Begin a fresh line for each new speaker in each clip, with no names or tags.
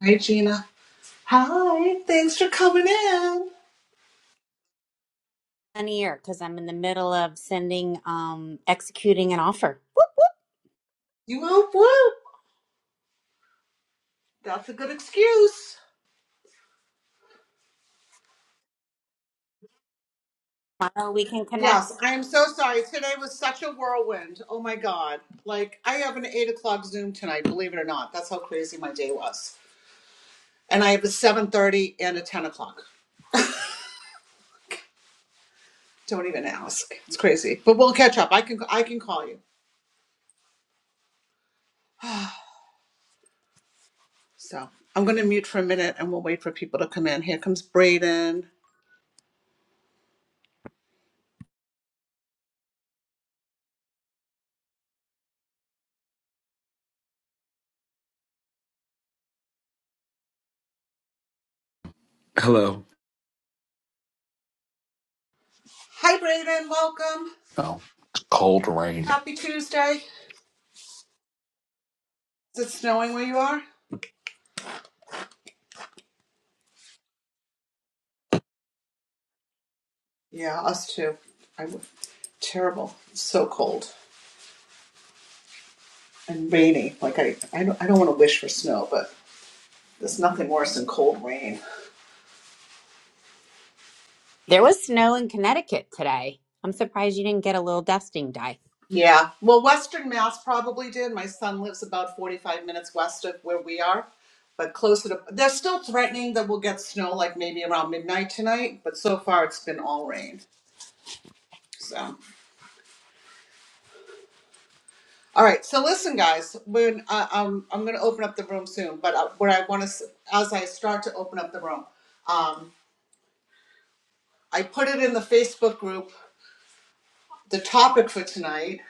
Hey Gina. Hi. Thanks for coming in.
ear because I'm in the middle of sending, um, executing an offer.
You whoop whoop. That's a good excuse.
Tomorrow we can connect.
Yes, I am so sorry. Today was such a whirlwind. Oh my god. Like I have an eight o'clock Zoom tonight, believe it or not. That's how crazy my day was. And I have a seven thirty and a ten o'clock. Don't even ask. It's crazy. But we'll catch up. I can I can call you. So I'm gonna mute for a minute and we'll wait for people to come in. Here comes Braden.
Hello.
Hi Braden, welcome.
No, it's cold rain.
Happy Tuesday. Is it snowing where you are? Yeah, us too. I w- terrible. It's so cold and rainy. Like I, I don't, I don't want to wish for snow, but there's nothing worse than cold rain.
There was snow in Connecticut today. I'm surprised you didn't get a little dusting, Di.
Yeah. Well, Western Mass probably did. My son lives about 45 minutes west of where we are, but closer to. They're still threatening that we'll get snow, like maybe around midnight tonight. But so far, it's been all rain. So. All right, so listen, guys. When uh, um, I'm going to open up the room soon, but uh, what I want to, as I start to open up the room, um. I put it in the Facebook group, the topic for tonight,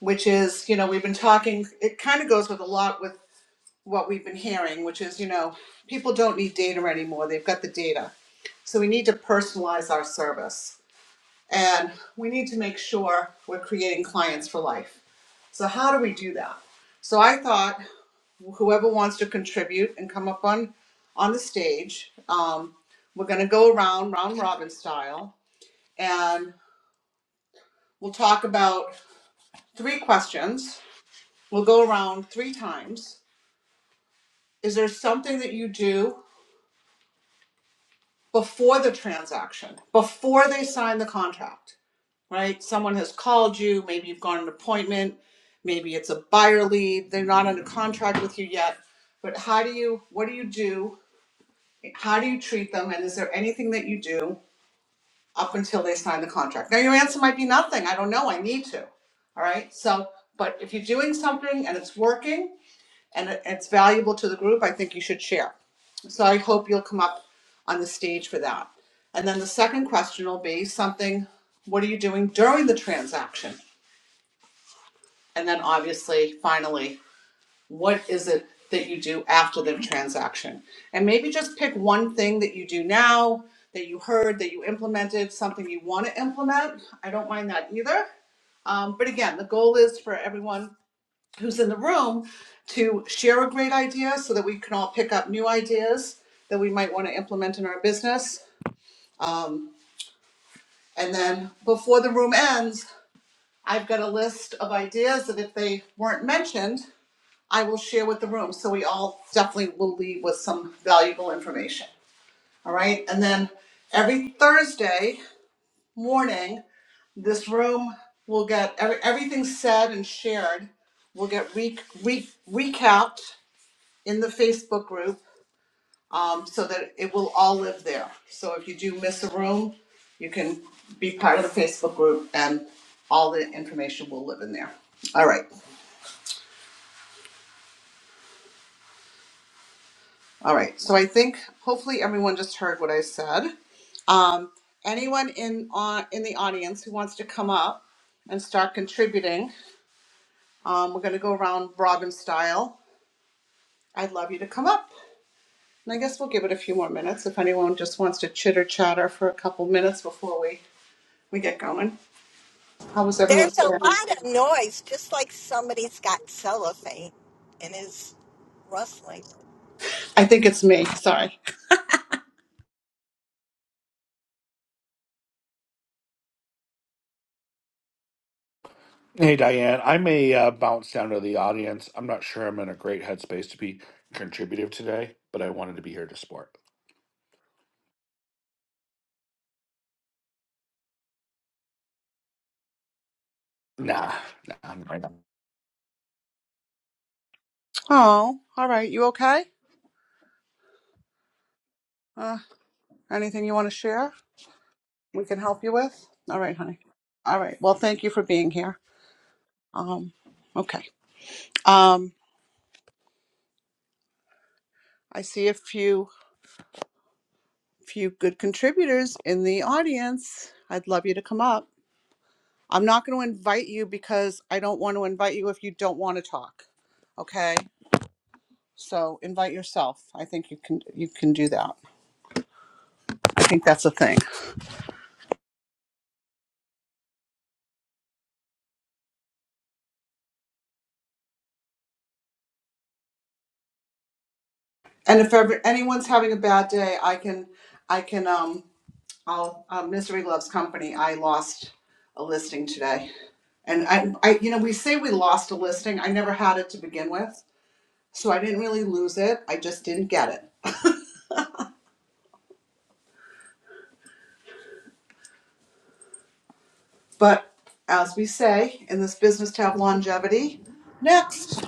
which is, you know, we've been talking, it kind of goes with a lot with what we've been hearing, which is, you know, people don't need data anymore. They've got the data. So we need to personalize our service and we need to make sure we're creating clients for life. So, how do we do that? So, I thought whoever wants to contribute and come up on, on the stage, um, we're going to go around round robin style and we'll talk about three questions. We'll go around three times. Is there something that you do before the transaction, before they sign the contract, right? Someone has called you, maybe you've gone an appointment, maybe it's a buyer lead, they're not under contract with you yet, but how do you, what do you do? How do you treat them? And is there anything that you do up until they sign the contract? Now, your answer might be nothing. I don't know. I need to. All right. So, but if you're doing something and it's working, and it's valuable to the group, I think you should share. So I hope you'll come up on the stage for that. And then the second question will be something, what are you doing during the transaction? And then obviously, finally, what is it that you do after the transaction? And maybe just pick one thing that you do now that you heard, that you implemented, something you want to implement. I don't mind that either. Um, but again, the goal is for everyone who's in the room to share a great idea so that we can all pick up new ideas that we might want to implement in our business. Um, and then before the room ends, I've got a list of ideas that if they weren't mentioned, I will share with the room. So we all definitely will leave with some valuable information. All right. And then every Thursday morning, this room will get every, everything said and shared will get re, re, recapped in the Facebook group um, so that it will all live there. So if you do miss a room, you can be part of the Facebook group and all the information will live in there. All right. All right. So I think hopefully everyone just heard what I said. Um, anyone in on in the audience who wants to come up and start contributing, um, we're going to go around Robin style. I'd love you to come up. And I guess we'll give it a few more minutes if anyone just wants to chitter chatter for a couple minutes before we, we get going. How was everyone?
There's a lot of noise, just like somebody's got cellophane and is rustling.
I think it's me. Sorry.
Hey, Diane, I may uh, bounce down to the audience. I'm not sure I'm in a great headspace to be contributive today, but I wanted to be here to support. Nah, nah, I'm not.
Oh, all right. You okay? Uh, anything you want to share? We can help you with. All right, honey. All right. Well, thank you for being here. Um, okay. Um, I see a few few good contributors in the audience. I'd love you to come up. I'm not going to invite you because I don't want to invite you if you don't want to talk. Okay. So invite yourself. I think you can you can do that. I think that's a thing. And if ever anyone's having a bad day, I can, I can, um, I'll, um, Misery Loves Company. I lost a listing today. And I, I, you know, we say we lost a listing. I never had it to begin with. So I didn't really lose it. I just didn't get it. But as we say in this business to have longevity, next.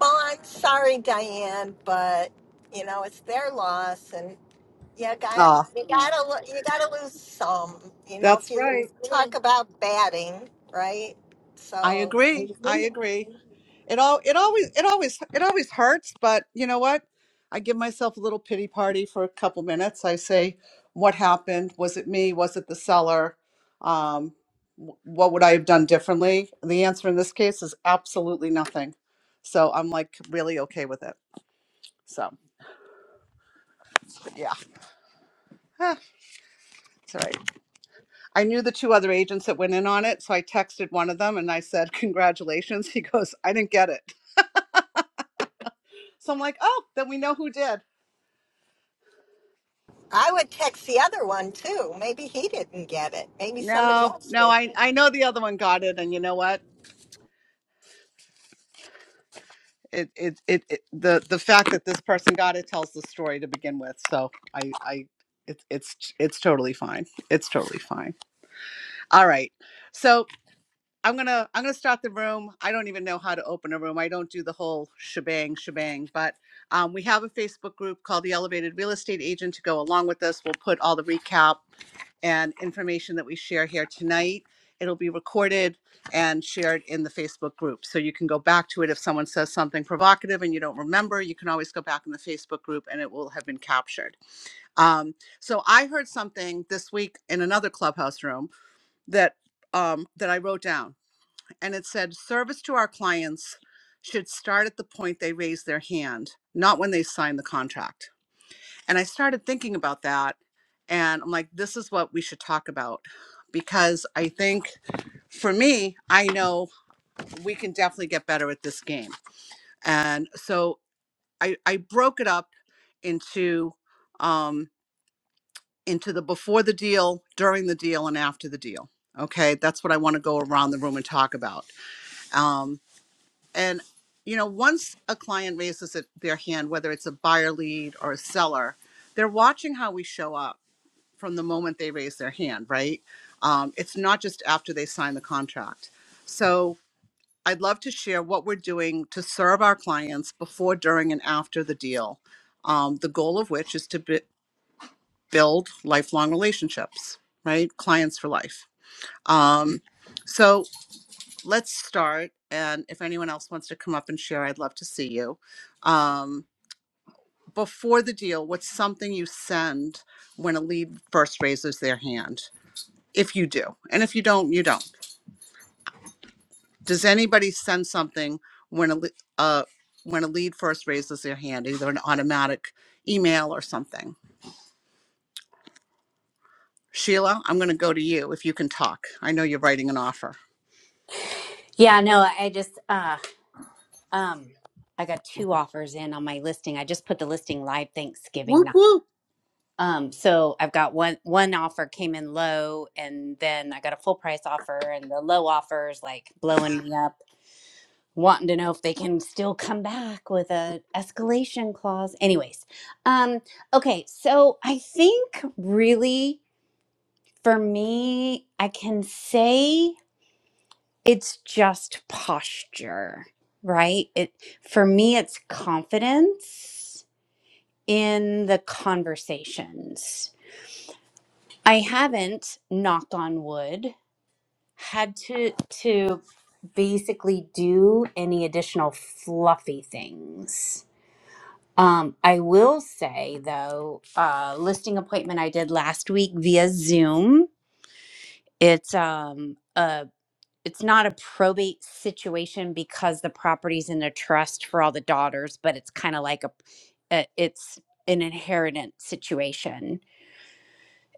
Well, I'm sorry, Diane, but you know it's their loss, and you got
Ah,
you gotta lo- you gotta lose some. You know, if
that's
you
right.
talk about batting, right?
I
So
agree. I agree. It all it always it always it always hurts, but you know what? I give myself a little pity party for a couple minutes. I say, what happened? Was it me? Was it the seller? Um, wh- what would I have done differently? The answer in this case is absolutely nothing. So I'm like really okay with it. So but yeah, ah, it's all right. I knew the two other agents that went in on it, so I texted one of them and I said, "Congratulations." He goes, "I didn't get it." So I'm like, "Oh, then we know who did."
I would text the other one too. Maybe he didn't get it. Maybe somebody
No,
else did.
no, I I know the other one got it, and you know what? It it it, it the the fact that this person got it tells the story to begin with. So I I it's it's it's totally fine. It's totally fine. All right, so I'm gonna I'm gonna start the room. I don't even know how to open a room. I don't do the whole shebang shebang, but um, we have a Facebook group called the Elevated Real Estate Agent to go along with this. We'll put all the recap. and information that we share here tonight. It'll be recorded and shared in the Facebook group. So you can go back to it if someone says something provocative and you don't remember. You can always go back in the Facebook group and it will have been captured. Um, so I heard something this week in another clubhouse room that um, that I wrote down, and it said, "Service to our clients should start at the point they raise their hand, not when they sign the contract." And I started thinking about that. And I'm like, this is what we should talk about. Because I think for me, I know we can definitely get better at this game. And so I, I broke it up into um, into the before the deal, during the deal, and after the deal. Okay, that's what I want to go around the room and talk about. Um, and you know, once a client raises it, their hand, whether it's a buyer lead or a seller, they're watching how we show up from the moment they raise their hand, right? Um, it's not just after they sign the contract. So I'd love to share what we're doing to serve our clients before, during, and after the deal. Um, the goal of which is to b- build lifelong relationships, right? Clients for life. Um, so let's start. And if anyone else wants to come up and share, I'd love to see you. Um, before the deal, what's something you send when a lead first raises their hand? if you do and if you don't you don't does anybody send something when a le- uh when a lead first raises their hand either an automatic email or something sheila i'm going to go to you if you can talk i know you're writing an offer
Yeah, no, I just, uh, um, I got two offers in on my listing. I just put the listing live Thanksgiving
whoop
night.
whoop
Um, so I've got one one offer came in low, and then I got a full price offer, and the low offer is like blowing me up. wanting to know if they can still come back with a escalation clause anyways um okay so i think really for me i can say it's just posture right it for me it's confidence in the conversations i haven't knock on wood had to to basically do any additional fluffy things Um, I will say though, uh, listing appointment I did last week via Zoom. It's um a it's not a probate situation because the property's in a trust for all the daughters, but it's kind of like a, a it's an inheritance situation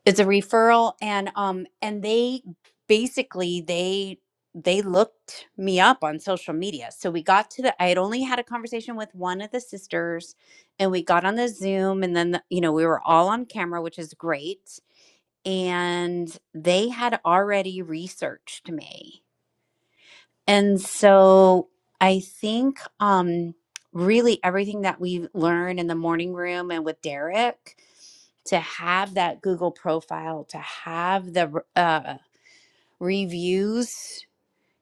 it's a referral and um and they basically they they looked me up on social media so we got to the i had only had a conversation with one of the sisters and we got on the zoom and then the, you know we were all on camera which is great and they had already researched me and so i think um really everything that we learned in the morning room and with derek to have that Google profile, to have the uh, reviews,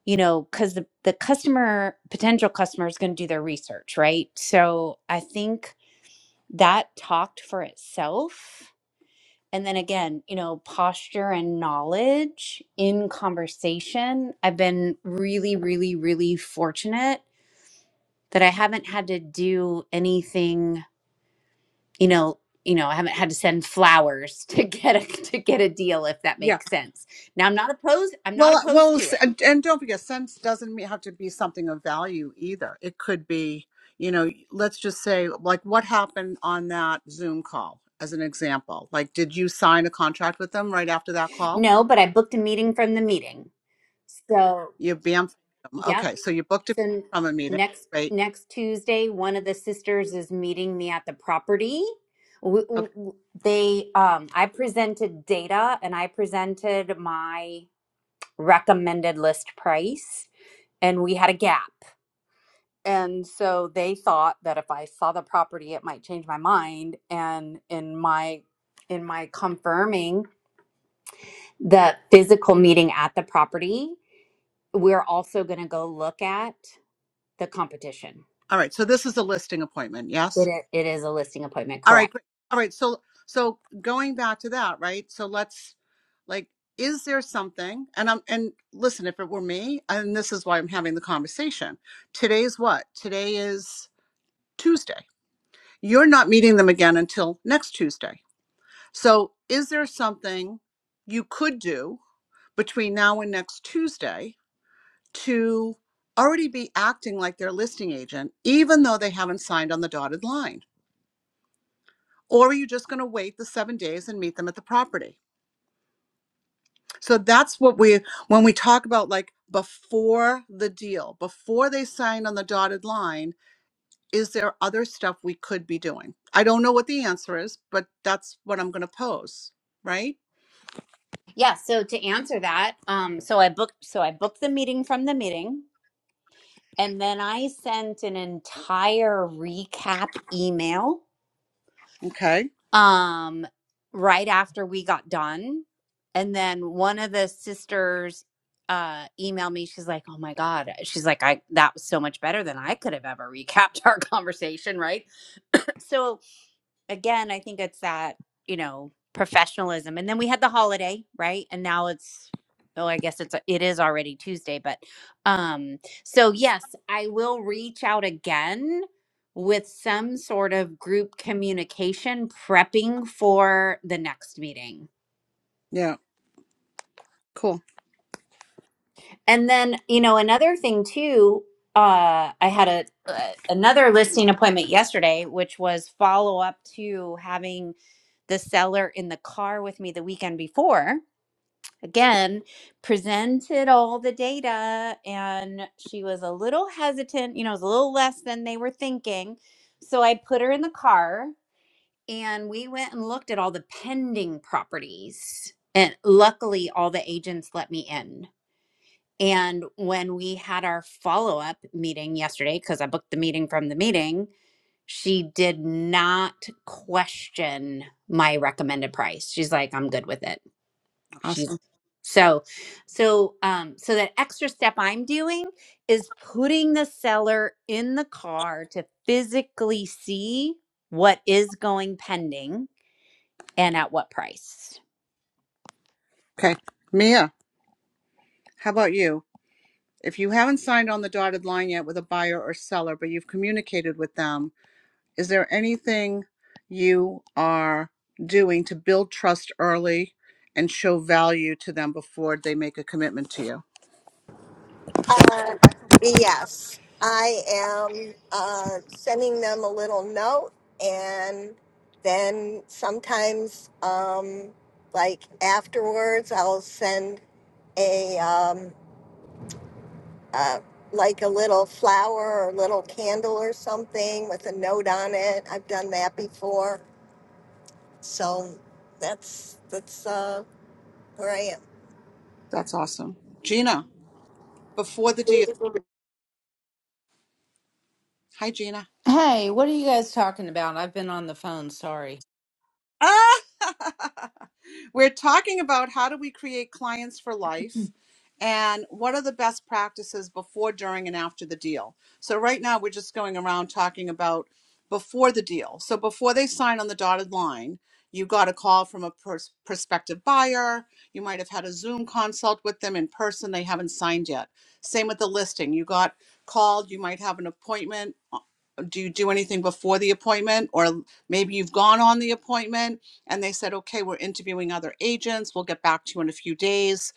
you know, because the, the customer, potential customer is going to do their research, right? So I think that talked for itself. And then again, you know, posture and knowledge in conversation. I've been really, really, really fortunate that I haven't had to do anything you know you know i haven't had to send flowers to get a to get a deal if that
yeah
makes sense now i'm not opposed i'm not
Well, uh,
opposed
well,
to
s-
it
and, and don't forget, sense doesn't me- have to be something of value either. It could be, you know, let's just say, like, what happened on that Zoom call, as an example. Like, did you sign a contract with them right after that call?
no but i booked a meeting from the meeting so
You bamf them.
yep
Okay, so you booked it
so n-
from a meeting,
next
right?
next tuesday one of the sisters is meeting me at the property W-
Okay,
w- w- they um i presented data and i presented my recommended list price and we had a gap And so they thought that if I saw the property, it might change my mind. And in my in my confirming the physical meeting at the property, we're also going to go look at the competition.
all right. So this is a listing appointment, yes.
It is, it is a listing appointment,
All right,
correct?
great. All right, so so going back to that, right? So let's like is there something and I'm and listen, if it were me, and this is why I'm having the conversation. Today's what? Today is Tuesday. You're not meeting them again until next Tuesday. So is there something you could do between now and next Tuesday to already be acting like their listing agent even though they haven't signed on the dotted line? Or are you just going to wait the 7 days and meet them at the property? So that's what we, when we talk about like before the deal, before they sign on the dotted line, is there other stuff we could be doing? I don't know what the answer is, but that's what I'm going to pose. Right.
Yeah. So to answer that, um, so I booked so I booked the meeting from the meeting, and then I sent an entire recap email
Okay.
um right after we got done and then one of the sisters uh emailed me she's like oh my god she's like i that was so much better than i could have ever recapped our conversation right so again, I think it's that, you know, professionalism. And then we had the holiday, right? And now it's oh, I guess it's it is already Tuesday, but um so yes, I will reach out again with some sort of group communication prepping for the next meeting.
Yeah. Cool.
And then, you know, another thing too, uh, I had a uh, another listing appointment yesterday, which was follow up to having the seller in the car with me the weekend before. Again, presented all the data, and she was a little hesitant. You know, it was a little less than they were thinking. So I put her in the car, and we went and looked at all the pending properties. And luckily, all the agents let me in and when we had our follow up meeting yesterday, because I booked the meeting from the meeting, she did not question my recommended price. She's like, I'm good with it. She's
Awesome.
so, so, um, so that extra step I'm doing is putting the seller in the car to physically see what is going pending and at what price.
Okay. Mia, how about you? If you haven't signed on the dotted line yet with a buyer or seller, but you've communicated with them, Is there anything you are doing to build trust early and show value to them before they make a commitment to you?
Uh, yes, I am uh, sending them a little note, and then sometimes, um, like afterwards, I'll send a um, uh, like a little flower or little candle or something with a note on it. I've done that before, so that's that's uh, where I am.
That's awesome. Gina, before the deal. Hi, Gina.
Hey, what are you guys talking about? I've been on the phone, sorry.
Ah. We're talking about how do we create clients for life and what are the best practices before, during, and after the deal. So, right now, we're just going around talking about before the deal. So, before they sign on the dotted line, you got a call from a pers- prospective buyer. You might have had a Zoom consult with them in person. They haven't signed yet. Same with the listing. You got called. You might have an appointment do you do anything before the appointment or maybe you've gone on the appointment and they said okay we're interviewing other agents we'll get back to you in a few days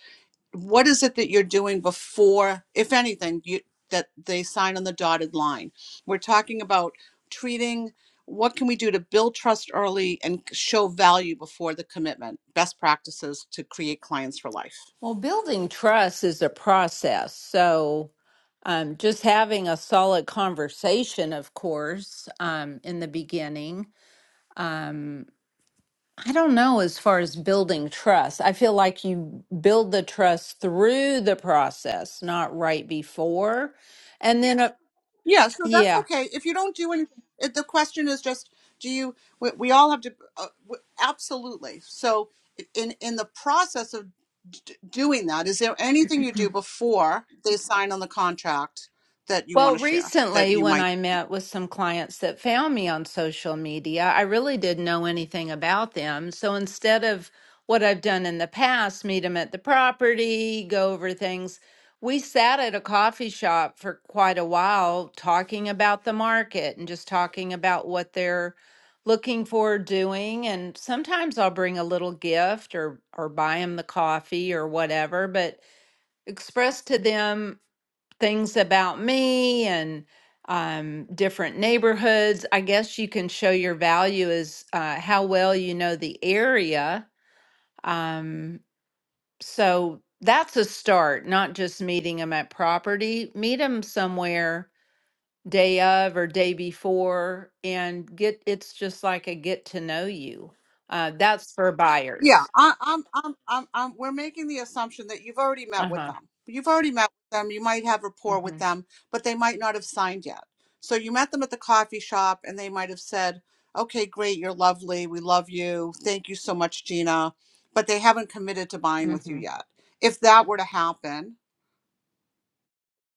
what is it that you're doing before if anything you that they sign on the dotted line we're talking about treating what can we do to build trust early and show value before the commitment best practices to create clients for life
Well, building trust is a process. So, um, just having a solid conversation, of course, um, in the beginning. I don't know as far as building trust. I feel like you build the trust through the process, not right before. And then, uh,
Yeah, so that's
yeah,
okay. If you don't do anything, it, the question is just, do you? We, we all have to. Uh, w- absolutely. So, in in the process of d- doing that, is there anything you do before they sign on the contract that you want
Well,
to share? That
recently,
you
when
might.
I met with some clients that found me on social media, I really didn't know anything about them. So instead of what I've done in the past, meet them at the property, go over things, we sat at a coffee shop for quite a while talking about the market and just talking about what they're looking for doing. And sometimes I'll bring a little gift or, or buy them the coffee or whatever, but express to them things about me and um, different neighborhoods. I guess you can show your value is uh, how well you know the area. Um, so that's a start, not just meeting them at property. Meet them somewhere day of or day before and get it's just like a get to know you. Uh, that's for
Yeah,
buyers.
I, I'm, I'm, I'm, I'm, we're making the assumption that you've already
Uh
met with
huh.
them. You've already met with them. You might have rapport with
Mm-hmm.
them, but they might not have signed yet. So you met them at the coffee shop and they might have said, okay, great, you're lovely. We love you. Thank you so much, Gina. But they haven't committed to buying with you
Mm-hmm.
yet. If that were to happen,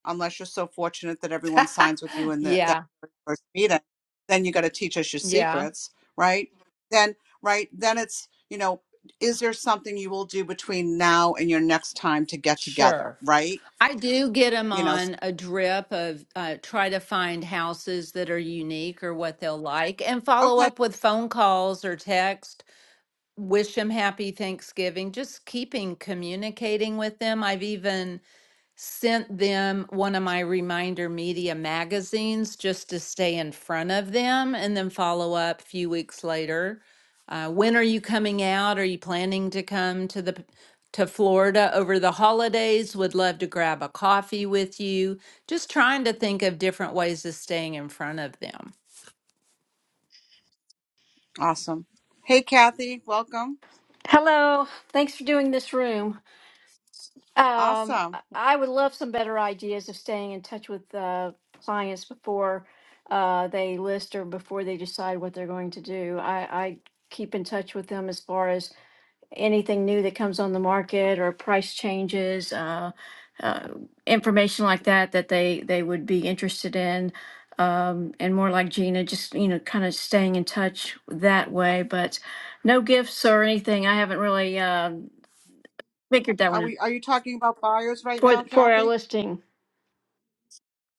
unless you're so fortunate that everyone signs with you in the, that
yeah.
first meeting, then you got to teach us your
Yeah.
secrets, right? Then, right, then it's, you know, is there something you will do between now and your next time to get together,
Sure.
right?
I do get them
You know, s-
on a drip of uh, try to find houses that are unique or what they'll like and follow
okay,
up with phone calls or text. Wish them happy Thanksgiving. Just keeping communicating with them. I've even sent them one of my reminder media magazines just to stay in front of them and then follow up a few weeks later. Uh, when are you coming out? Are you planning to come to the p- to Florida over the holidays? Would love to grab a coffee with you. Just trying to think of different ways of staying in front of them.
awesome. Hey, Kathy, welcome.
Hello. Thanks for doing this room. Um,
Awesome.
I I would love some better ideas of staying in touch with uh, clients before uh, they list or before they decide what they're going to do. I, I keep in touch with them as far as anything new that comes on the market or price changes, uh, uh, information like that that they they would be interested in. Um, and more like Gina, just you know, kind of staying in touch that way. But no gifts or anything. I haven't really. Uh, figured that
Are
one out.
we, are you talking about buyers right
for
now,
th- for our
Kathy,
listing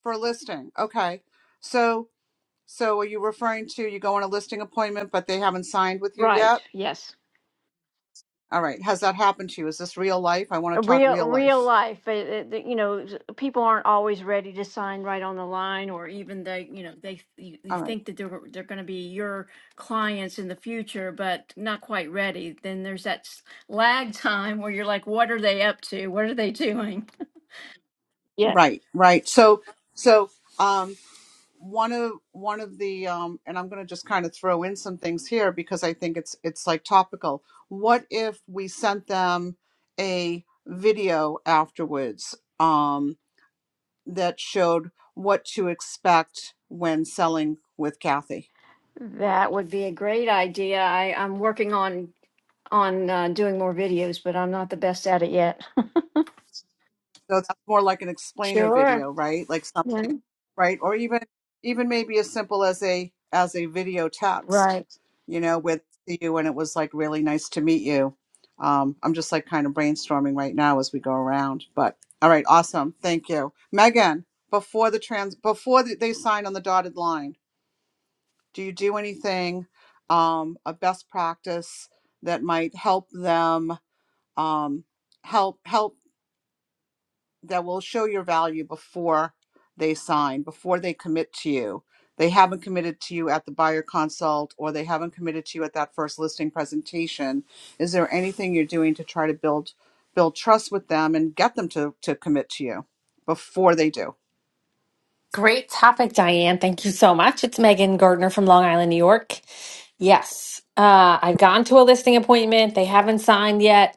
for a listing? Okay. So, so are you referring to you go on a listing appointment, but they haven't signed with you
right
yet?
yes
All right. Has that happened to you? Is this real life? I want
A
to talk
real
real
real
life.
life uh, uh, the- you know s- people aren't always ready to sign right on the line or even they you know they you, you
All right.
think that they're they're going to be your clients in the future but not quite ready then there's that s- lag time where you're like what are they up to what are they doing yeah
Right. Right. So so um one of one of the um and I'm going to just kind of throw in some things here because I think it's it's like topical. What if we sent them a video afterwards um that showed what to expect when selling with Kathy?
that would be a great idea i i'm working on on uh, doing more videos but i'm not the best at it yet
So that's more like an explainer
sure
video, right? Like
yeah.
something, right? Or even even maybe as simple as a as a video text,
right
you know, with you and it was like really nice to meet you. Um, I'm just like kind of brainstorming right now as we go around. But all right, awesome. Thank you. Megan, before the trans before th- they sign on the dotted line, do you do anything um a best practice that might help them um help help that will show your value before they sign, before they commit to you. They haven't committed to you at the buyer consult or they haven't committed to you at that first listing presentation. Is there anything you're doing to try to build build trust with them and get them to to commit to you before they do?
Great topic, Diane. Thank you so much. It's Megan Gardner from Long Island, New York. Yes, uh, I've gone to a listing appointment. They haven't signed yet.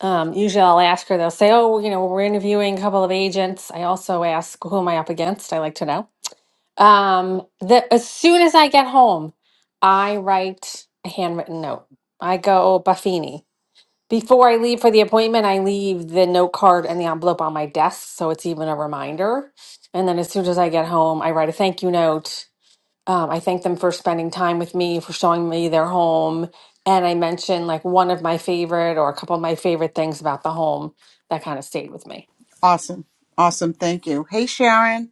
Um, usually I'll ask her, they'll say, Oh, you know, we're interviewing a couple of agents. I also ask, Who am I up against? I like to know. Um, the, as soon as I get home, I write a handwritten note. I go Buffini. Before I leave for the appointment, I leave the note card and the envelope on my desk, so it's even a reminder. And then as soon as I get home, I write a thank you note. Um, I thank them for spending time with me, for showing me their home, and I mention like one of my favorite or a couple of my favorite things about the home that kind of stayed with me.
Awesome. Awesome. Thank you. Hey Sharon.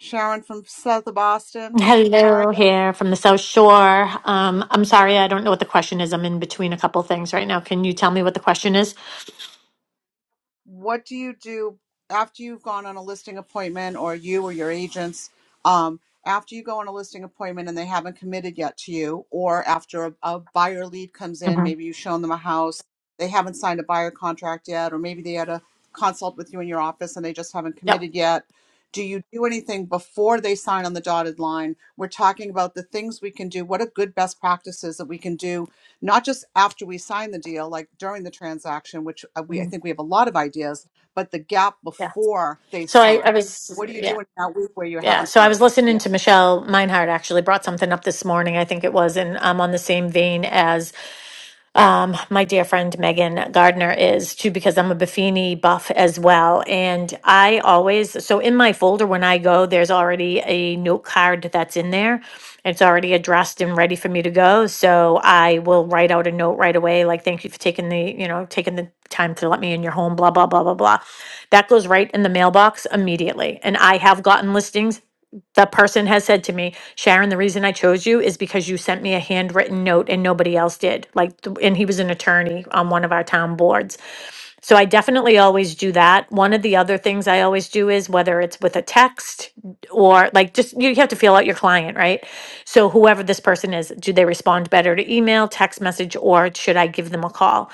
Sharon from South of Boston. How are
Hello
you?
here from the South Shore. Um, I'm sorry, I don't know what the question is. I'm in between a couple things right now. Can you tell me what the question is?
what do you do after you've gone on a listing appointment or you or your agents um, after you go on a listing appointment and they haven't committed yet to you or after a, a buyer lead comes in
hmm
maybe you've shown them a house they haven't signed a buyer contract yet or maybe they had a consult with you in your office and they just haven't
Yep.
committed yet do you do anything before they sign on the dotted line we're talking about the things we can do what are good best practices that we can do not just after we sign the deal, like during the transaction, which uh, we I
Mhm.
think we have a lot of ideas, but the gap
Yeah.
before they
So I, I
sign.
was,
What are you
yeah,
doing that week where you
yeah.
haven't
So I was
heard?
listening
Yeah.
to Michelle Meinhardt actually brought something up this morning. I think it was, and I'm on the same vein as um, my dear friend Megan Gardner is too, because I'm a Buffini buff as well. And I always, so in my folder when I go, there's already a note card that's in there. It's already addressed and ready for me to go. So I will write out a note right away, like, thank you for taking the, you know, taking the time to let me in your home, blah, blah, blah, blah, blah. That goes right in the mailbox immediately. And I have gotten listings the person has said to me, Sharon, the reason I chose you is because you sent me a handwritten note and nobody else did. Like, th- and he was an attorney on one of our town boards. So I definitely always do that. One of the other things I always do is whether it's with a text or like just you have to feel out your client, right? So whoever this person is, do they respond better to email, text message, or should I give them a call?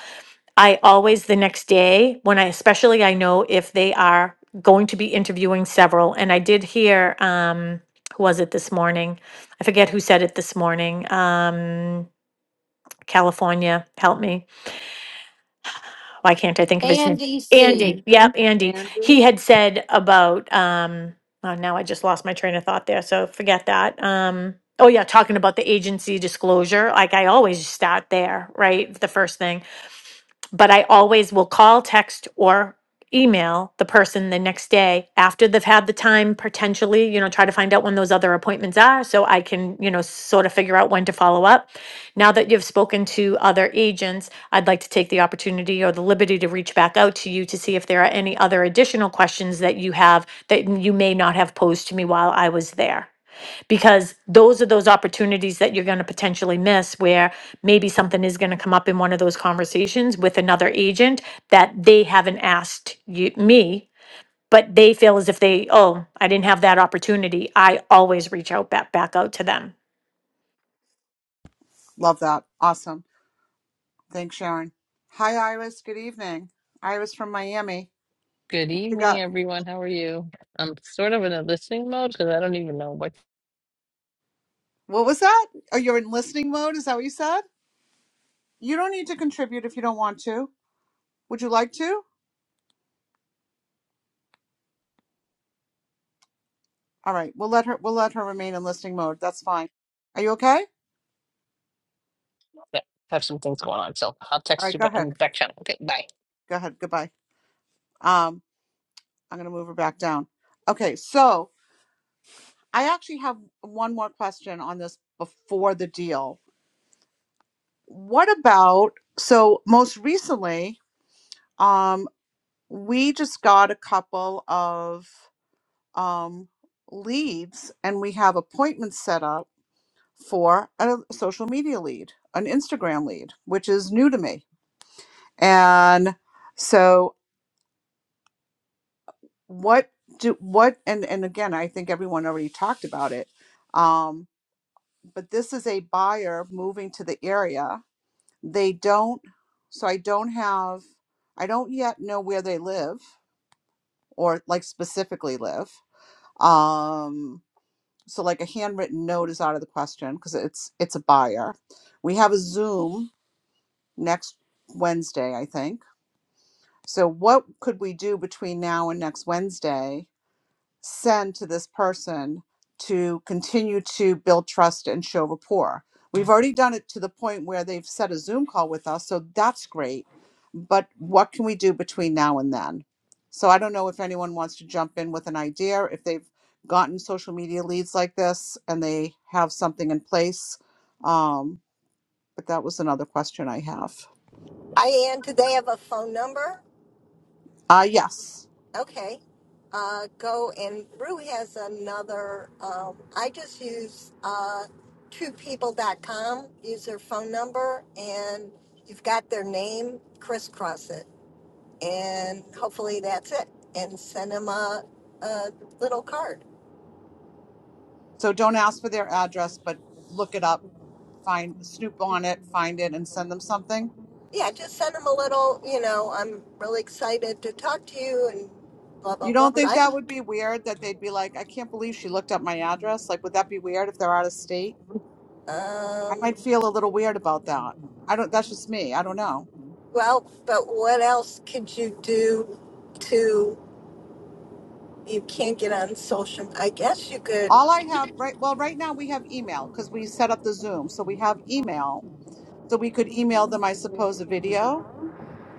I always the next day when I especially I know if they are going to be interviewing several and I did hear um who was it this morning? I forget who said it this morning. Um California, help me. Why can't I think of his
And
name?
DC.
Andy. Yep, Andy. He
Angie?
had said about um oh now I just lost my train of thought there, so forget that. Um Oh yeah, talking about the agency disclosure, like I always start there, right? The first thing. but I always will call, text, or email the person the next day after they've had the time potentially, you know, try to find out when those other appointments are so I can, you know, sort of figure out when to follow up. Now that you've spoken to other agents, I'd like to take the opportunity or the liberty to reach back out to you to see if there are any other additional questions that you have that you may not have posed to me while I was there because those are those opportunities that you're going to potentially miss where maybe something is going to come up in one of those conversations with another agent that they haven't asked you, me but they feel as if they oh i didn't have that opportunity i always reach out back back out to them
Love that. Awesome. Thanks, Sharon. Hi, Iris. Good evening. Iris from Miami.
Good
What you
evening,
got?
everyone. How are you? I'm sort of in a listening mode because I don't even know what.
What was that? Oh, you're in listening mode? Is that what you said? You don't need to contribute if you don't want to. Would you like to? All right, we'll let her we'll let her remain in listening mode. That's fine. Are you okay?
I have some things going on, so I'll
All
text
right,
you
go
back in
ahead.
the back channel. Okay, bye.
Go ahead. Goodbye. Um I'm going to move her back down. Okay, so I actually have one more question on this before the deal. What about so most recently, um, we just got a couple of um, leads, and we have appointments set up for a social media lead, an Instagram lead, which is new to me. And so, what do what? And and again, I think everyone already talked about it. Um, but this is a buyer moving to the area. They don't, so I don't have, I don't yet know where they live or like specifically live. Um, so like a handwritten note is out of the question because it's it's a buyer. We have a Zoom next Wednesday, I think. So what could we do between now and next Wednesday send to this person to continue to build trust and show rapport. We've already done it to the point where they've set a Zoom call with us, so that's great. But what can we do between now and then? So I don't know if anyone wants to jump in with an idea, if they've gotten social media leads like this and they have something in place. Um, but that was another question I have.
I and do they have a phone number?
Uh, yes.
Okay. Uh, go and Rue has another. Um, I just use uh, twopeople.com, use their phone number, and you've got their name, crisscross it. And hopefully that's it. And send them a, a little card.
So don't ask for their address, but look it up, find, snoop on it, find it, and send them something
Yeah, just send them a little, you know, I'm really excited to talk to you and blah, blah,
You
blah.
don't think
I,
that would be weird that they'd be like, I can't believe she looked up my address? Like, would that be weird if they're out of state? I
um,
might feel a little weird about that. I don't, that's just me. I don't know.
well, but what else could you do to. you can't get on social. I guess you could.
All I have right, well, right now we have email because we set up the Zoom. So we have email. So we could email them, I suppose, a video.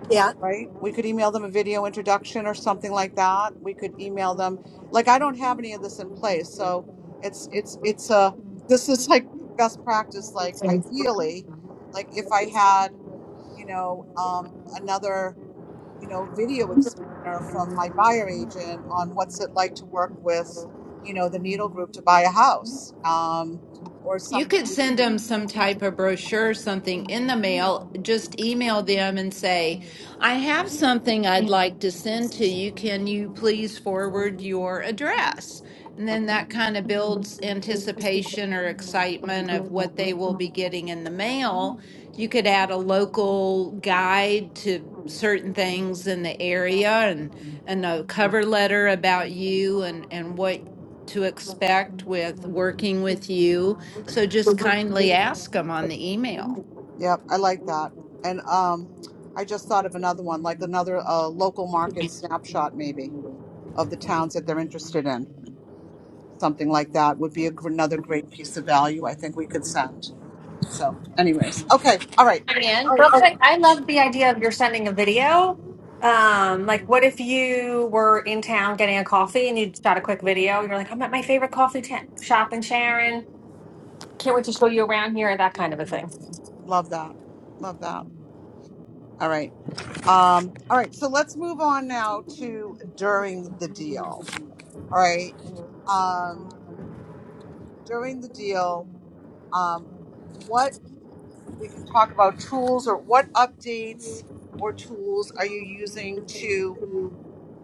Yeah,
right? We could email them a video introduction or something like that. We could email them. Like I don't have any of this in place, so it's it's it's a this is like best practice. Like ideally, like if I had, you know, um, another you know video explainer from my buyer agent on what's it like to work with, you know, the needle group to buy a house, um, or
You could
something.
send them some type of brochure, something in the mail. Just email them and say, I have something I'd like to send to you. Can you please forward your address? And
Okay.
then that kind of builds anticipation or excitement of what they will be getting in the mail. You could add a local guide to certain things in the area and, and a cover letter about you and, and what to expect with working with you so just kindly ask them on the email.
Yep, I like that. And um, I just thought of another one, like another uh, local market snapshot, maybe of the towns that they're interested in. Something like that would be a, gr- another great piece of value I think we could send. So, anyways, okay, all right,
Marianne,
all
real
right,
quick, I love the idea of you're sending a video. Um, like, what if you were in town getting a coffee and you shot a quick video? You're like, I'm at my favorite coffee ta- shop in Sharon. Can't wait to show you around here, that kind of a thing.
love that, love that. All right, um, all right. So let's move on now to during the deal. All right, um, during the deal, um, what? we can talk about tools or what updates or tools are you using to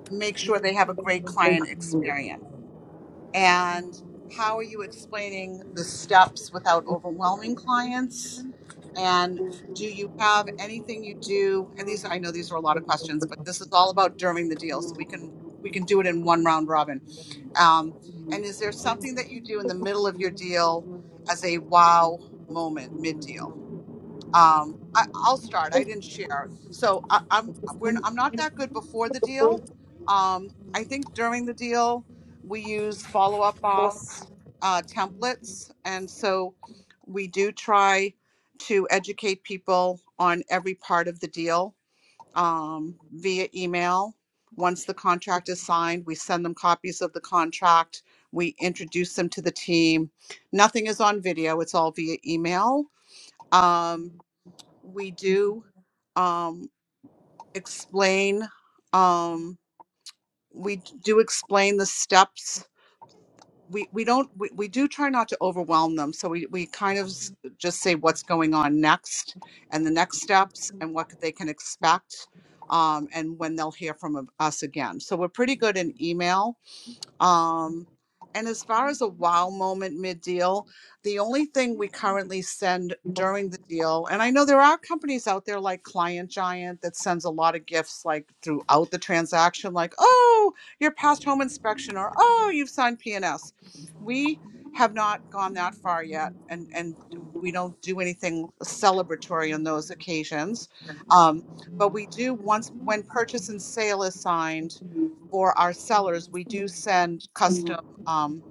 make sure they have a great client experience and how are you explaining the steps without overwhelming clients and do you have anything you do and these i know these are a lot of questions but this is all about during the deal so we can we can do it in one round robin um, and is there something that you do in the middle of your deal as a wow moment mid deal um, I, I'll start. I didn't share, so I, I'm we're, I'm not that good before the deal. Um, I think during the deal we use follow up boss uh, templates, and so we do try to educate people on every part of the deal um, via email. Once the contract is signed, we send them copies of the contract. We introduce them to the team. Nothing is on video; it's all via email. Um, we do um, explain um, we do explain the steps we, we don't we, we do try not to overwhelm them so we, we kind of s- just say what's going on next and the next steps and what they can expect um, and when they'll hear from us again so we're pretty good in email um, and as far as a wow moment mid deal, the only thing we currently send during the deal, and I know there are companies out there like Client Giant that sends a lot of gifts like throughout the transaction, like, oh, your past home inspection, or oh, you've signed PNS. We have not gone that far yet, and, and we don't do anything celebratory on those occasions. Um, but we do once when purchase and sale is signed for our sellers, we do send custom um,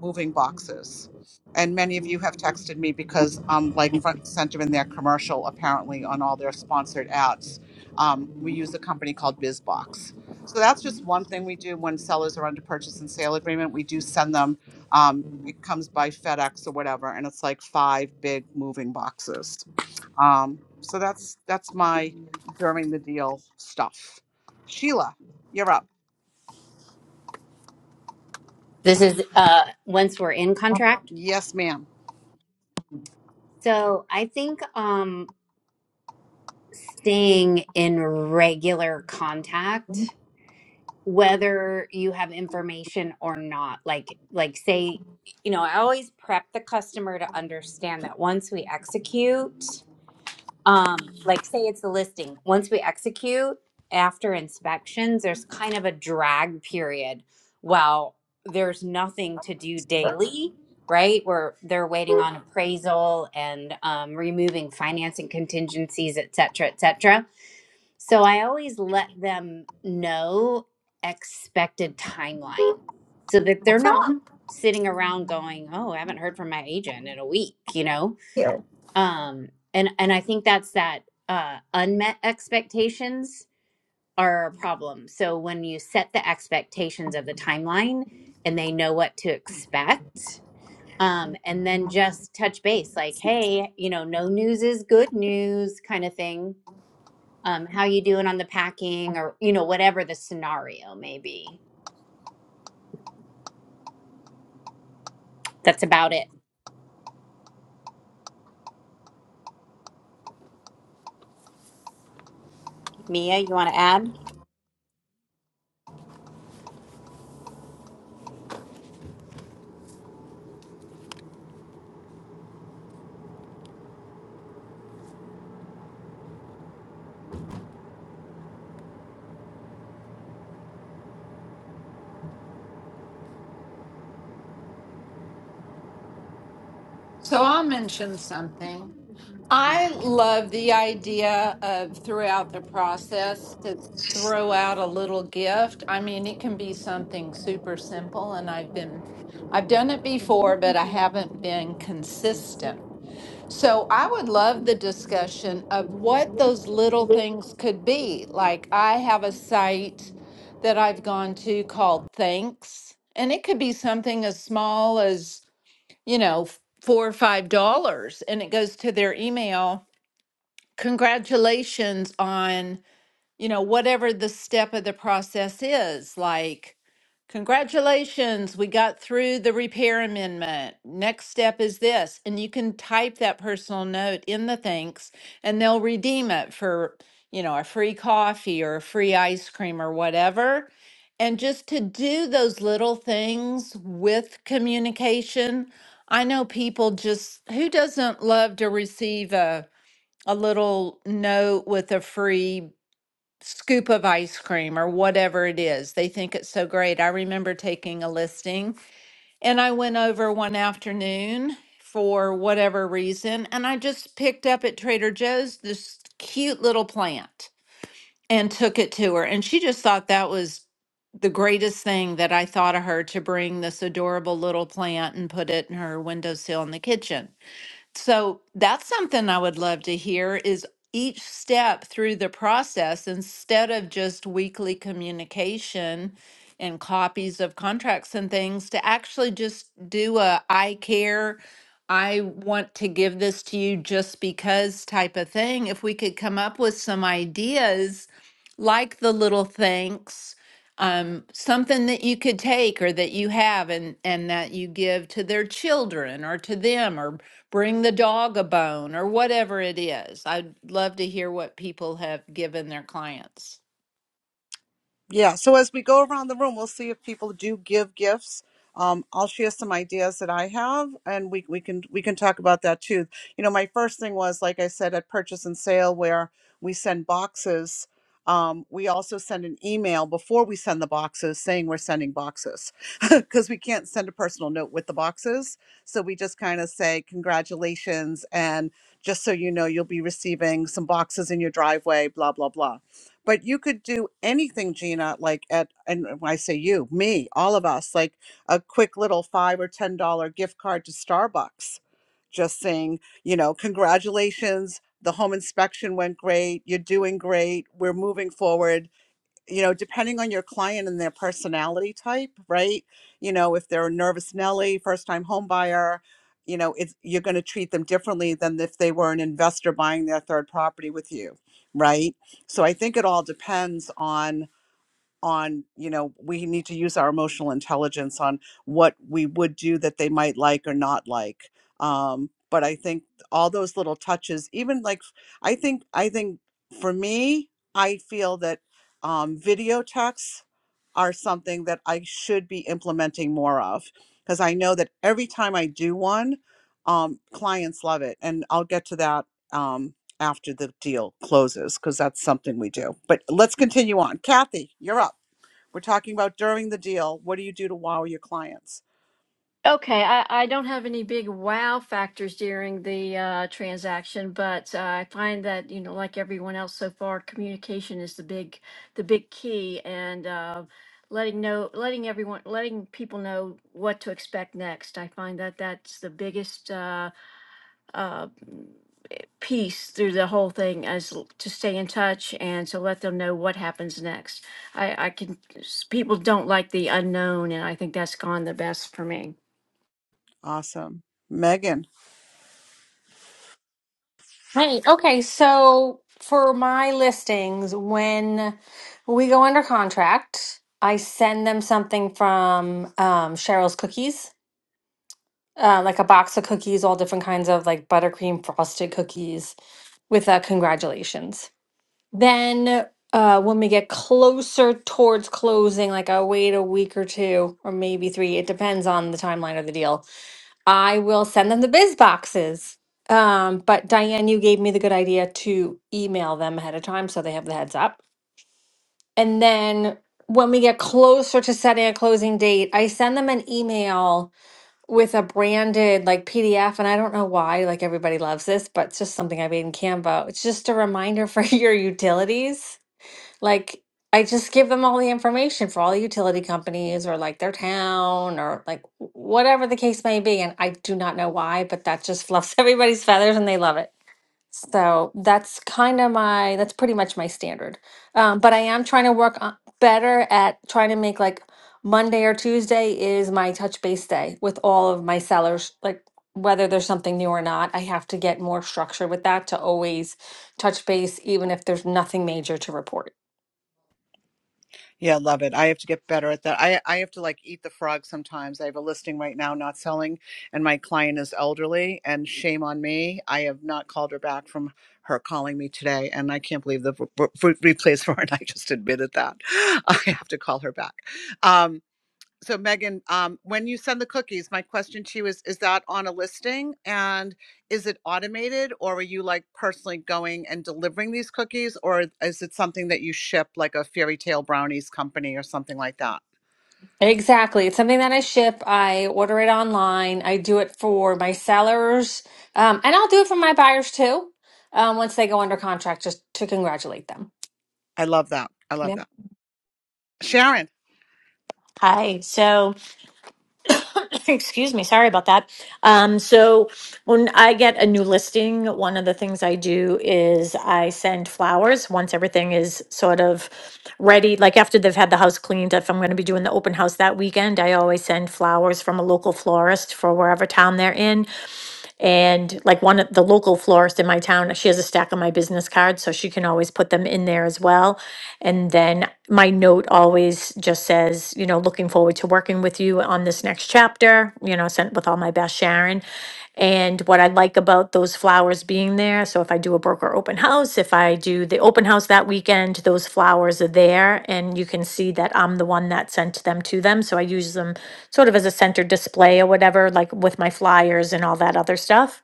moving boxes. And many of you have texted me because um, like front and center in their commercial, apparently on all their sponsored ads, um, we use a company called BizBox. So that's just one thing we do when sellers are under purchase and sale agreement. We do send them. Um, it comes by FedEx or whatever, and it's like five big moving boxes. Um, so that's that's my during the deal stuff. Sheila, you're up.
This is uh once we're in contract.
Yes, ma'am.
So I think um staying in regular contact, whether you have information or not, like like say, you know, I always prep the customer to understand that once we execute um like say it's the listing once we execute after inspections there's kind of a drag period while there's nothing to do daily right where they're waiting on appraisal and um, removing financing contingencies et cetera et cetera so i always let them know expected timeline so that they're not sitting around going oh i haven't heard from my agent in a week you know um and and i think that's that uh unmet expectations are a problem so when you set the expectations of the timeline and they know what to expect um and then just touch base like hey you know no news is good news kind of thing um how you doing on the packing or you know whatever the scenario may be that's about it mia you want to add
So I'll mention something. I love the idea of throughout the process to throw out a little gift. I mean, it can be something super simple and I've been I've done it before, but I haven't been consistent. So I would love the discussion of what those little things could be. Like I have a site that I've gone to called Thanks, and it could be something as small as, you know, f- four or five dollars, and it goes to their email. Congratulations on, you know, whatever the step of the process is. Like, Congratulations, we got through the repair amendment. Next step is this, and you can type that personal note in the thanks and they'll redeem it for, you know, a free coffee or a free ice cream or whatever. And just to do those little things with communication. I know people just who doesn't love to receive a a little note with a free scoop of ice cream or whatever it is. They think it's so great. I remember taking a listing and I went over one afternoon for whatever reason and I just picked up at Trader Joe's this cute little plant and took it to her. And she just thought that was the greatest thing that I thought of her to bring this adorable little plant and put it in her windowsill in the kitchen. So that's something I would love to hear is each step through the process instead of just weekly communication and copies of contracts and things to actually just do a I care I want to give this to you just because type of thing if we could come up with some ideas like the little thanks um, something that you could take or that you have and, and that you give to their children or to them or bring the dog a bone or whatever it is. I'd love to hear what people have given their clients.
Yeah. So as we go around the room, we'll see if people do give gifts. Um, I'll share some ideas that I have, and we we can we can talk about that too. You know, my first thing was like I said at purchase and sale, where we send boxes. Um, we also send an email before we send the boxes saying we're sending boxes because we can't send a personal note with the boxes. So we just kind of say congratulations and just so you know, you'll be receiving some boxes in your driveway, blah blah blah but you could do anything gina like at and when i say you me all of us like a quick little five or ten dollar gift card to starbucks just saying you know congratulations the home inspection went great you're doing great we're moving forward you know, depending on your client and their personality type, right? You know, if they're a nervous Nelly, first time home buyer, you know, it's you're going to treat them differently than if they were an investor buying their third property with you, right? So I think it all depends on on you know we need to use our emotional intelligence on what we would do that they might like or not like um but i think all those little touches even like i think i think for me i feel that um video texts are something that i should be implementing more of because i know that every time i do one um clients love it and i'll get to that um, after the deal closes because that's something we do. But let's continue on. Kathy, you're up. We're talking about during the deal. What do you do to wow your clients?
Okay, I, I don't have any big wow factors during the uh, transaction, but uh, I find that you know, like everyone else so far, communication is the big the big key, and uh, letting know letting everyone letting people know what to expect next. I find that that's the biggest uh, uh, piece through the whole thing as l- to stay in touch and to let them know what happens next. I, I can s- people don't like the unknown, and I think that's gone the best for me.
Awesome. Megan,
Right. Okay. So for my listings, when we go under contract, I send them something from um, Cheryl's Cookies, uh, like a box of cookies, all different kinds of like buttercream frosted cookies with uh, congratulations. Then uh, when we get closer towards closing, like I wait a week or two, or maybe three, it depends on the timeline of the deal I will send them the biz boxes. Um, but Diane, you gave me the good idea to email them ahead of time so they have the heads up. And then when we get closer to setting a closing date, I send them an email with a branded like PDF. And I don't know why, like everybody loves this, but it's just something I made in Canva. It's just a reminder for your utilities like I just give them all the information for all the utility companies or like their town or like whatever the case may be. And I do not know why, but that just fluffs everybody's feathers and they love it. So that's kind of my, that's pretty much my standard. Um, but I am trying to work on, better at trying to make like Monday or Tuesday is my touch base day with all of my sellers, like whether there's something new or not. I have to get more structured with that to always touch base, even if there's nothing major to report.
Yeah, love it. I have to get better at that. I, I have to like eat the frog sometimes. I have a listing right now not selling, and my client is elderly, and shame on me. I have not called her back from her calling me today, and I can't believe the v- v- replays for it. I just admitted that. I have to call her back. Um so Megan, um, when you send the cookies, my question to you is, is that on a listing? And is it automated or are you like personally going and delivering these cookies? Or is it something that you ship like a fairy tale brownies company or something like that?
Exactly. It's something that I ship. I order it online. I do it for my sellers. Um, and I'll do it for my buyers too, um, once they go under contract, just to congratulate them.
I love that. I love
Yeah.
that. Sharon.
hi so Excuse me, sorry about that. Um, so when I get a new listing, one of the things I do is I send flowers once everything is sort of ready. Like after they've had the house cleaned, if I'm going to be doing the open house that weekend, I always send flowers from a local florist for wherever town they're in. And like one of the local florist in my town, she has a stack of my business cards, so she can always put them in there as well. And then my note always just says, you know, looking forward to working with you on this next chapter, you know, sent with all my best, Sharon. And what I like about those flowers being there, so if I do a broker open house, if I do the open house that weekend, those flowers are there and you can see that I'm the one that sent them to them. So I use them sort of as a center display or whatever, like with my flyers and all that other stuff.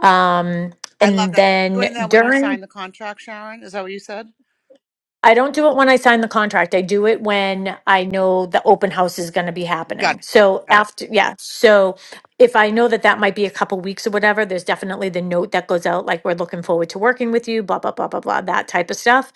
Um,
I love
and
that.
then
Doing that when you
during
sign the contract, Sharon, is that what you said?
I don't do it when I sign the contract. I do it when I know the open house is going to be
Got
happening.
it.
So
Got it.
after, yeah. So if I know that that might be a couple weeks or whatever, there's definitely the note that goes out like we're looking forward to working with you, blah blah blah blah blah, that type of stuff.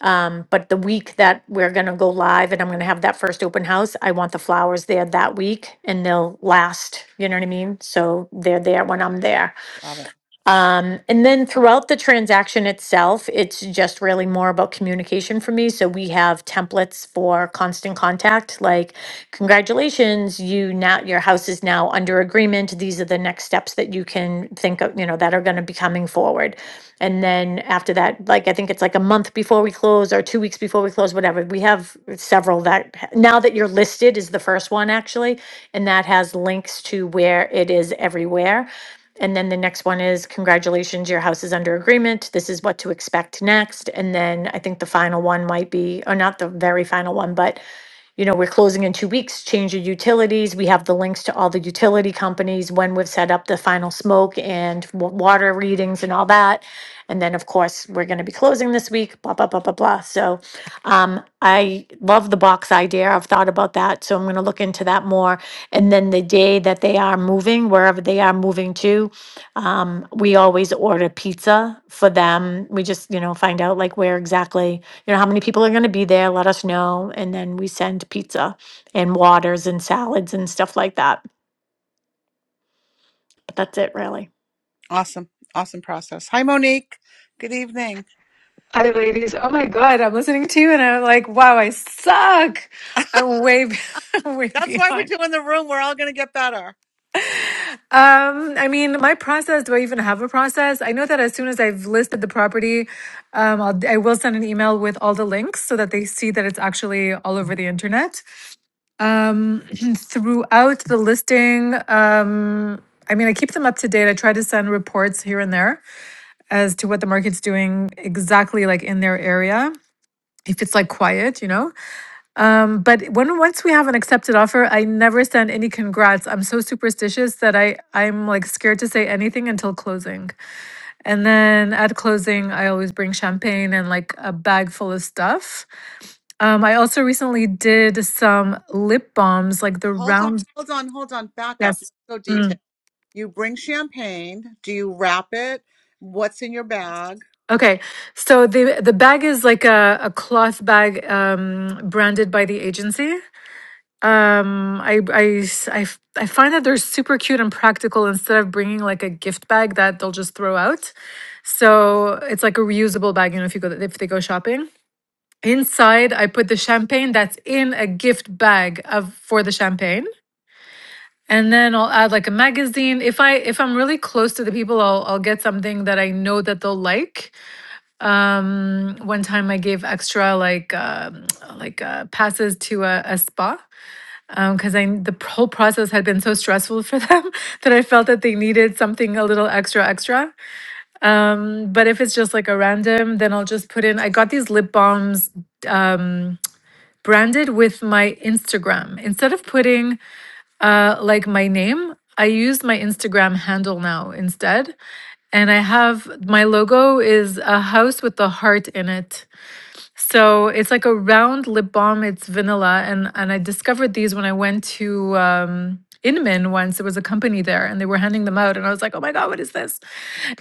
Um, but the week that we're going to go live and I'm going to have that first open house, I want the flowers there that week, and they'll last. You know what I mean? So they're there when I'm there.
Love it.
Um, and then throughout the transaction itself, it's just really more about communication for me. So we have templates for constant contact, like congratulations, you now your house is now under agreement. These are the next steps that you can think of, you know, that are going to be coming forward. And then after that, like I think it's like a month before we close or two weeks before we close, whatever. We have several that now that you're listed is the first one actually, and that has links to where it is everywhere. And then the next one is congratulations, your house is under agreement. This is what to expect next. And then I think the final one might be, or not the very final one, but you know, we're closing in two weeks, change your utilities. We have the links to all the utility companies when we've set up the final smoke and wa- water readings and all that. And then, of course, we're going to be closing this week, blah, blah, blah, blah, blah. So um, I love the box idea. I've thought about that. So I'm going to look into that more. And then the day that they are moving, wherever they are moving to, um, we always order pizza for them. We just, you know, find out like where exactly, you know, how many people are going to be there, let us know. And then we send pizza and waters and salads and stuff like that. But that's it, really.
Awesome. Awesome process. Hi, Monique. Good evening.
Hi, ladies. Oh my God, I'm listening to you and I'm like, wow, I suck. I'm way, be- I'm way
That's why we're
behind.
doing the room. We're all going to get better.
Um, I mean, my process, do I even have a process? I know that as soon as I've listed the property, um, I'll, I will send an email with all the links so that they see that it's actually all over the internet. Um, throughout the listing, um, I mean, I keep them up to date. I try to send reports here and there as to what the market's doing exactly like in their area if it's like quiet, you know. Um, But when once we have an accepted offer, I never send any congrats. I'm so superstitious that I I'm like scared to say anything until closing. And then at closing, I always bring champagne and like a bag full of stuff. Um, I also recently did some lip balms, like the
Hold on.
round.
Hold on. Hold on. Back up.
Yes.
Let's go detail.
Mm.
You bring champagne. Do you wrap it? What's in your bag?
Okay. So the the bag is like a, a cloth bag um, branded by the agency. Um, I, I, s- I f- I find that they're super cute and practical instead of bringing like a gift bag that they'll just throw out. So it's like a reusable bag, you know, if you go, if they go shopping. Inside, I put the champagne that's in a gift bag of for the champagne. And then I'll add like a magazine. If I if I'm really close to the people, I'll I'll get something that I know that they'll like. Mm, One time I gave extra like um, like uh, passes to a, a spa Um, because I the whole process had been so stressful for them that I felt that they needed something a little extra extra. But if it's just like a random, then I'll just put in. I got these lip balms branded with my Instagram instead of putting uh, like my name. I use my Instagram handle now instead, and I have my logo is a house with a heart in it So it's like a round lip balm. It's vanilla, and and I discovered these when I went to um, Inman once. It was a company there, and they were handing them out, and I was like, "Oh my god, what is this?"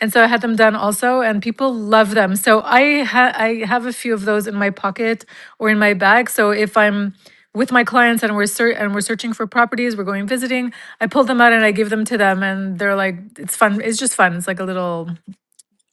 And so I had them done also, and people love them. So I ha- I have a few of those in my pocket or in my bag. So if I'm with my clients and we're ser- and we're searching for properties, we're going visiting, I pull them out and I give them to them, and they're like, "It's fun. It's just fun. It's like a little."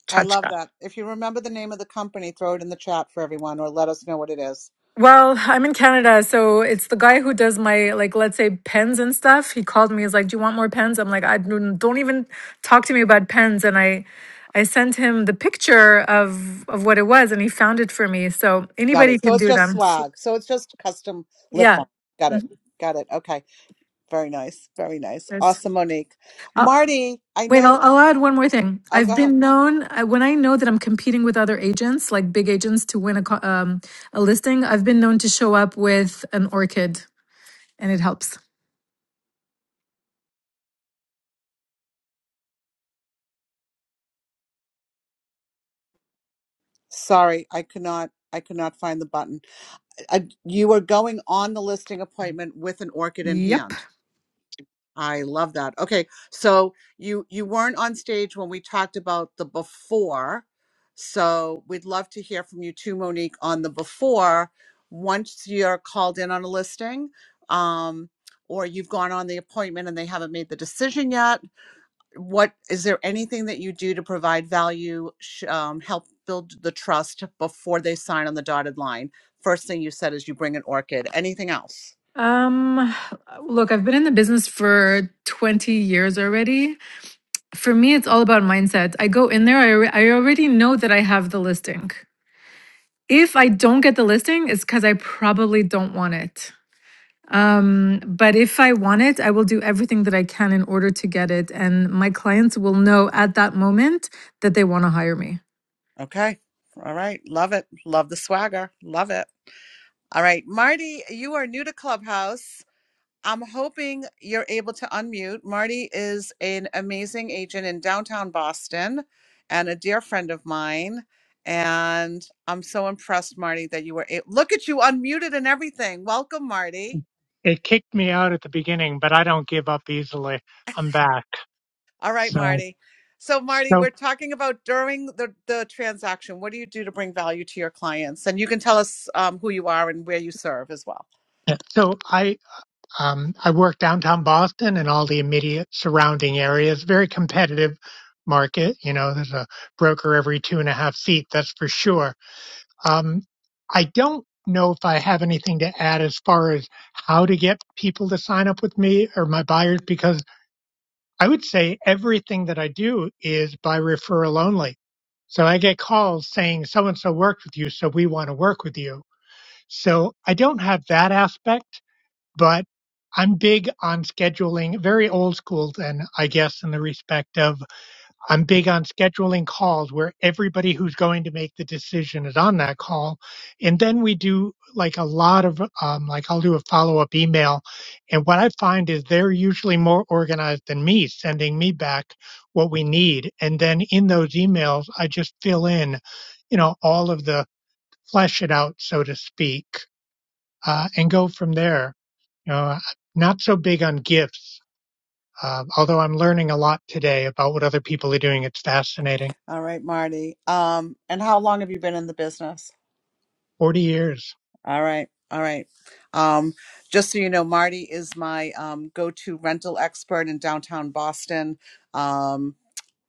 I
tchotchke."
love that. If you remember the name of the company, throw it in the chat for everyone or let us know what it is.
Well, I'm in Canada, so it's the guy who does my like let's say pens and stuff. He called me. He's like, "Do you want more pens?" I'm like, "I don't don't even talk to me about pens." And I I sent him the picture of of what it was and he found it for me. So
Got
anybody
it. So
can
it's
do
just
them.
swag. So it's just custom lip
Yeah.
balm. Got it.
Mhm.
Got it. Okay. Very nice. Very nice.
Right.
Awesome, Monique.
Uh,
Marty, I
wait, I'll,
know.
I'll add one more thing.
Oh,
I've
go ahead.
been known I, when I know that I'm competing with other agents, like big agents, to win a co- um, a listing. I've been known to show up with an orchid, and it helps.
Sorry, I could not. I could not find the button. I, you were going on the listing appointment with an orchid in
Yep.
hand. I love that. Okay, so you you weren't on stage when we talked about the before, so we'd love to hear from you too, Monique, on the before. Once you're called in on a listing, um, or you've gone on the appointment and they haven't made the decision yet, what is there anything that you do to provide value, sh- um, help build the trust before they sign on the dotted line? First thing you said is you bring an orchid. Anything else?
Um, look, I've been in the business for 20 years already. For me, it's all about mindset. I go in there, I, alre- I already know that I have the listing. If I don't get the listing, it's because I probably don't want it. Um, but if I want it, I will do everything that I can in order to get it. And my clients will know at that moment that they want to hire me.
Okay. All right. Love it. Love the swagger. Love it. All right. Marty, you are new to Clubhouse. I'm hoping you're able to unmute. Marty is an amazing agent in downtown Boston and a dear friend of mine. And I'm so impressed, Marty, that you were able. Look at you unmuted and everything. Welcome, Marty.
It kicked me out at the beginning, but I don't give up easily. I'm back.
All right,
So,
Marty. So, Marty,
so,
we're talking about during the, the transaction. What do you do to bring value to your clients? And you can tell us um, who you are and where you serve as well.
so I, um, I work downtown Boston and all the immediate surrounding areas. Very competitive market. You know, there's a broker every two and a half feet. That's for sure. Um, I don't know if I have anything to add as far as how to get people to sign up with me or my buyers because I would say everything that I do is by referral only. So I get calls saying so and so worked with you, so we want to work with you. So I don't have that aspect, but I'm big on scheduling, very old school then, I guess, in the respect of I'm big on scheduling calls where everybody who's going to make the decision is on that call. And then we do like a lot of, um, like I'll do a follow up email. And what I find is they're usually more organized than me, sending me back what we need. And then in those emails, I just fill in, you know, all of the flesh it out, so to speak, uh, and go from there. You know, I'm not so big on gifts. Uh, although I'm learning a lot today about what other people are doing, it's fascinating.
All right, Marty. Um, and how long have you been in the business?
40 years.
All right, all right. Um, just so you know, Marty is my um, go-to rental expert in downtown Boston. Um,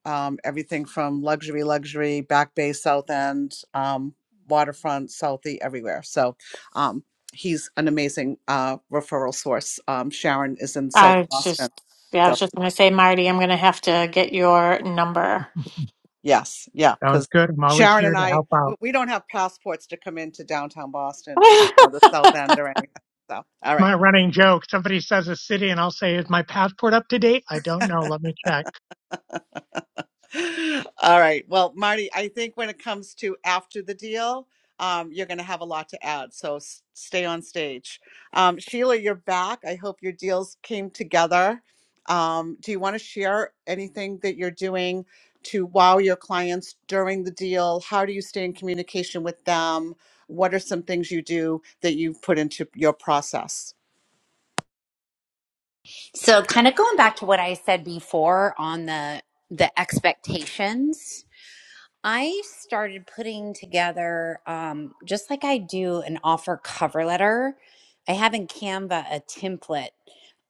um, everything from luxury, luxury, Back Bay, South End, um, waterfront, Southie, everywhere. So, um, he's an amazing uh, referral source. Um, Sharon is in South
I was just,
Boston.
yeah, I
so
was just going to say, Marty, I'm going to have to get your number.
Yes, yeah,
Sounds
because
good. I'm always
Sharon
here
and
to
I,
help
we,
out.
we don't have passports to come into downtown Boston to you know, the South End or anything. So, all right.
My running joke. Somebody says a city and I'll say, is my passport up to date? I don't know. Let me check.
All right. Well, Marty, I think when it comes to after the deal, um, you're going to have a lot to add. So s- stay on stage. Um, Sheila, you're back. I hope your deals came together. Um, do you want to share anything that you're doing to wow your clients during the deal? How do you stay in communication with them? What are some things you do that you've put into your process?
So, kind of going back to what I said before on the the expectations. I started putting together, um, just like I do an offer cover letter, I have in Canva a template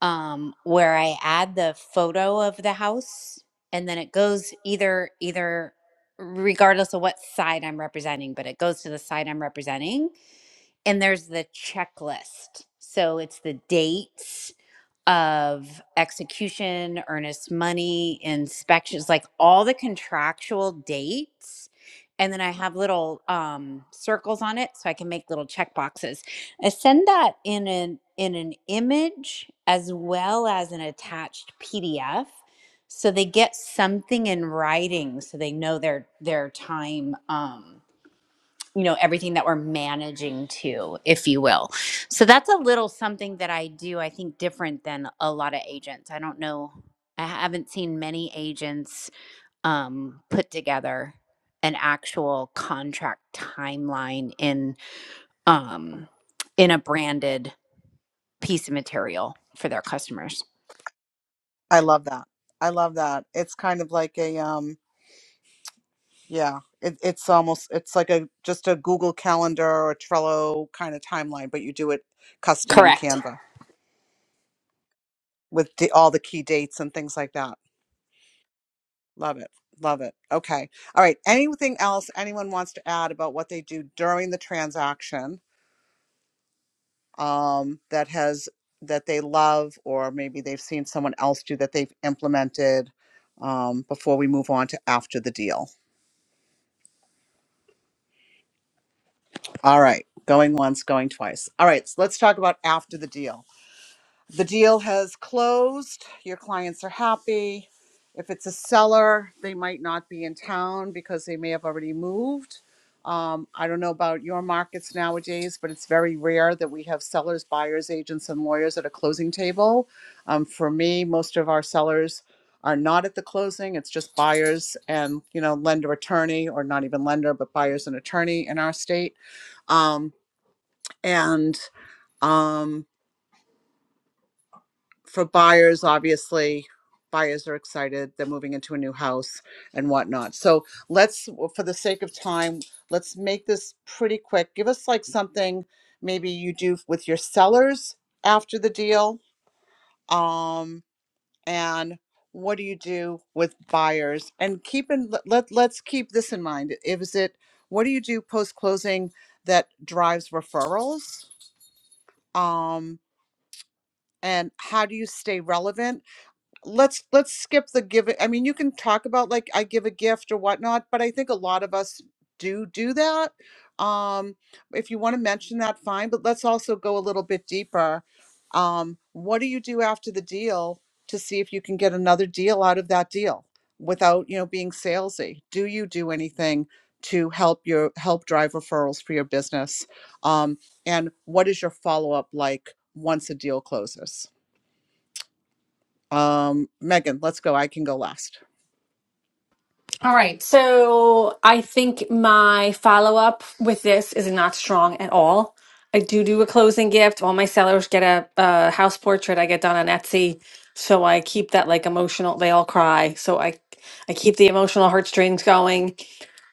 um, where I add the photo of the house and then it goes either, either regardless of what side I'm representing, but it goes to the side I'm representing and there's the checklist. So it's the dates of execution, earnest money, inspections, like all the contractual dates. And then I have little um, circles on it so I can make little check boxes. I send that in an in an image as well as an attached PDF. So they get something in writing so they know their their time. Um, you know everything that we're managing to if you will so that's a little something that i do i think different than a lot of agents i don't know i haven't seen many agents um, put together an actual contract timeline in um, in a branded piece of material for their customers
I love that. I love that. It's kind of like a um, Yeah, it, it's almost it's like a just a Google Calendar or Trello kind of timeline, but you do it custom in
correct
Canva with the, all the key dates and things like that. Love it. Love it. Okay. All right. Anything else anyone wants to add about what they do during the transaction um, that has that they love or maybe they've seen someone else do that they've implemented um, before we move on to after the deal? All right. Going once, going twice. All right. So let's talk about after the deal The deal has closed. Your clients are happy. If it's a seller, they might not be in town because they may have already moved. Um, I don't know about your markets nowadays, but it's very rare that we have sellers, buyers, agents, and lawyers at a closing table. Um, for me, most of our sellers are not at the closing. It's just buyers and you know lender attorney, or not even lender, but buyers and attorney in our state. Um, and um, for buyers, obviously, buyers are excited. They're moving into a new house and whatnot. So let's, for the sake of time, let's make this pretty quick. Give us like something maybe you do with your sellers after the deal. Um, and what do you do with buyers? And keep in, let, let- let's keep this in mind. Is it, what do you do post closing that drives referrals? Um, and how do you stay relevant? let's let's skip the giving i mean you can talk about like i give a gift or whatnot but i think a lot of us do do that um if you want to mention that fine but let's also go a little bit deeper um what do you do after the deal to see if you can get another deal out of that deal without you know being salesy do you do anything to help your help drive referrals for your business um and what is your follow-up like once a deal closes um, Megan, let's go. I can go last.
All right. So I think my follow up with this is not strong at all. I do do a closing gift. All my sellers get a, a house portrait I get done on Etsy. So I keep that like emotional, they all cry. So I, I keep the emotional heartstrings going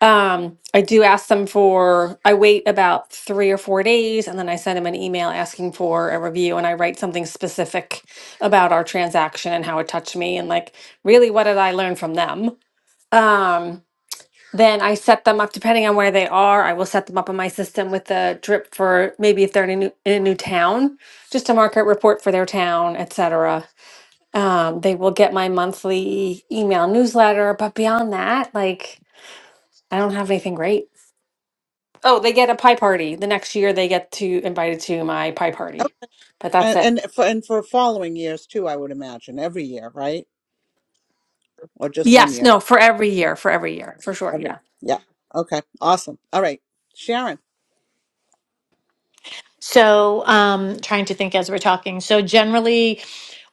Um, I do ask them for, I wait about three or four days and then I send them an email asking for a review and I write something specific about our transaction and how it touched me and like really what did I learn from them. Um, then I set them up depending on where they are. I will set them up in my system with the drip for maybe if they're in a new, in a new town, just a market report for their town, etc. Um, they will get my monthly email newsletter, but beyond that, like I don't have anything great. Oh, they get a pie party. The next year they get to invited to my pie
Oh,
party. But that's
And,
it.
and for and for following years too, I would imagine every year, right? Or just one
Yes,
year?
no, for every year, for every year, for sure. Yeah.
Every. Yeah. Okay. Awesome. All right, Sharon.
So, um, trying to think as we're talking. So, generally,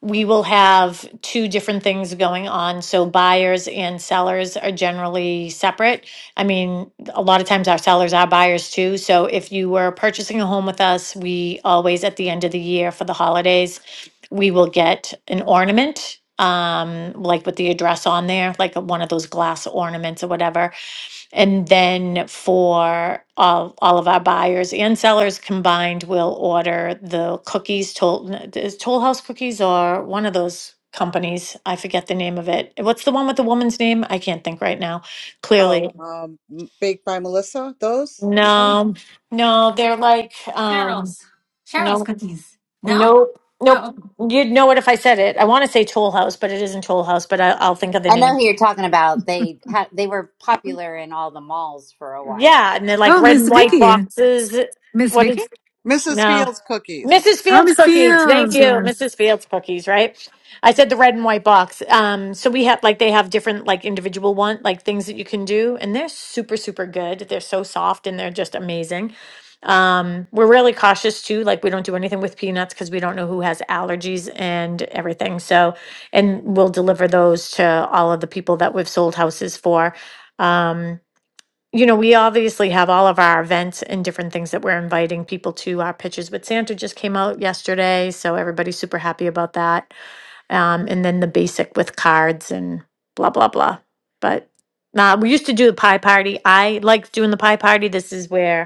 we will have two different things going on. So, buyers and sellers are generally separate. I mean, a lot of times our sellers are buyers too. So, if you were purchasing a home with us, we always at the end of the year for the holidays, we will get an ornament. Um, like with the address on there, like one of those glass ornaments or whatever and then for all, all of our buyers and sellers combined, we'll order the cookies, Toll, n- is Toll House Cookies or one of those companies. I forget the name of it. What's the one with the woman's name? I can't think right now. Clearly.
Oh, um, M- baked by Melissa. Those no.
No, no, they're like, um,
Cheryl's. Cheryl's
no,
cookies. No?
nope, nope.
Oh. okay.
You'd know it if I said it. I want to say Toll House, but it isn't Toll House, but I, I'll think of the
I know
name.
who you're talking about. They had they were popular in all the malls for a while.
Yeah. And they're like
Oh,
red
Miss
and white
Vicky.
boxes.
Miss
What
Vicky?
is,
Mrs.
no.
Fields cookies.
Mrs.
Oh,
Fields
Miss
cookies. Thank you,
Fields.
Mrs. Fields cookies. Right? I said the red and white box. Um, so we have like they have different like individual one like things that you can do, and they're super super good. They're so soft and they're just amazing. Um, we're really cautious too. Like we don't do anything with peanuts because we don't know who has allergies and everything. So, and we'll deliver those to all of the people that we've sold houses for. Um you know, we obviously have all of our events and different things that we're inviting people to our pitches, but Santa just came out yesterday, so everybody's super happy about that. Um, and then the basic with cards and blah, blah, blah. But uh, we used to do the pie party. I liked doing the pie party. This is where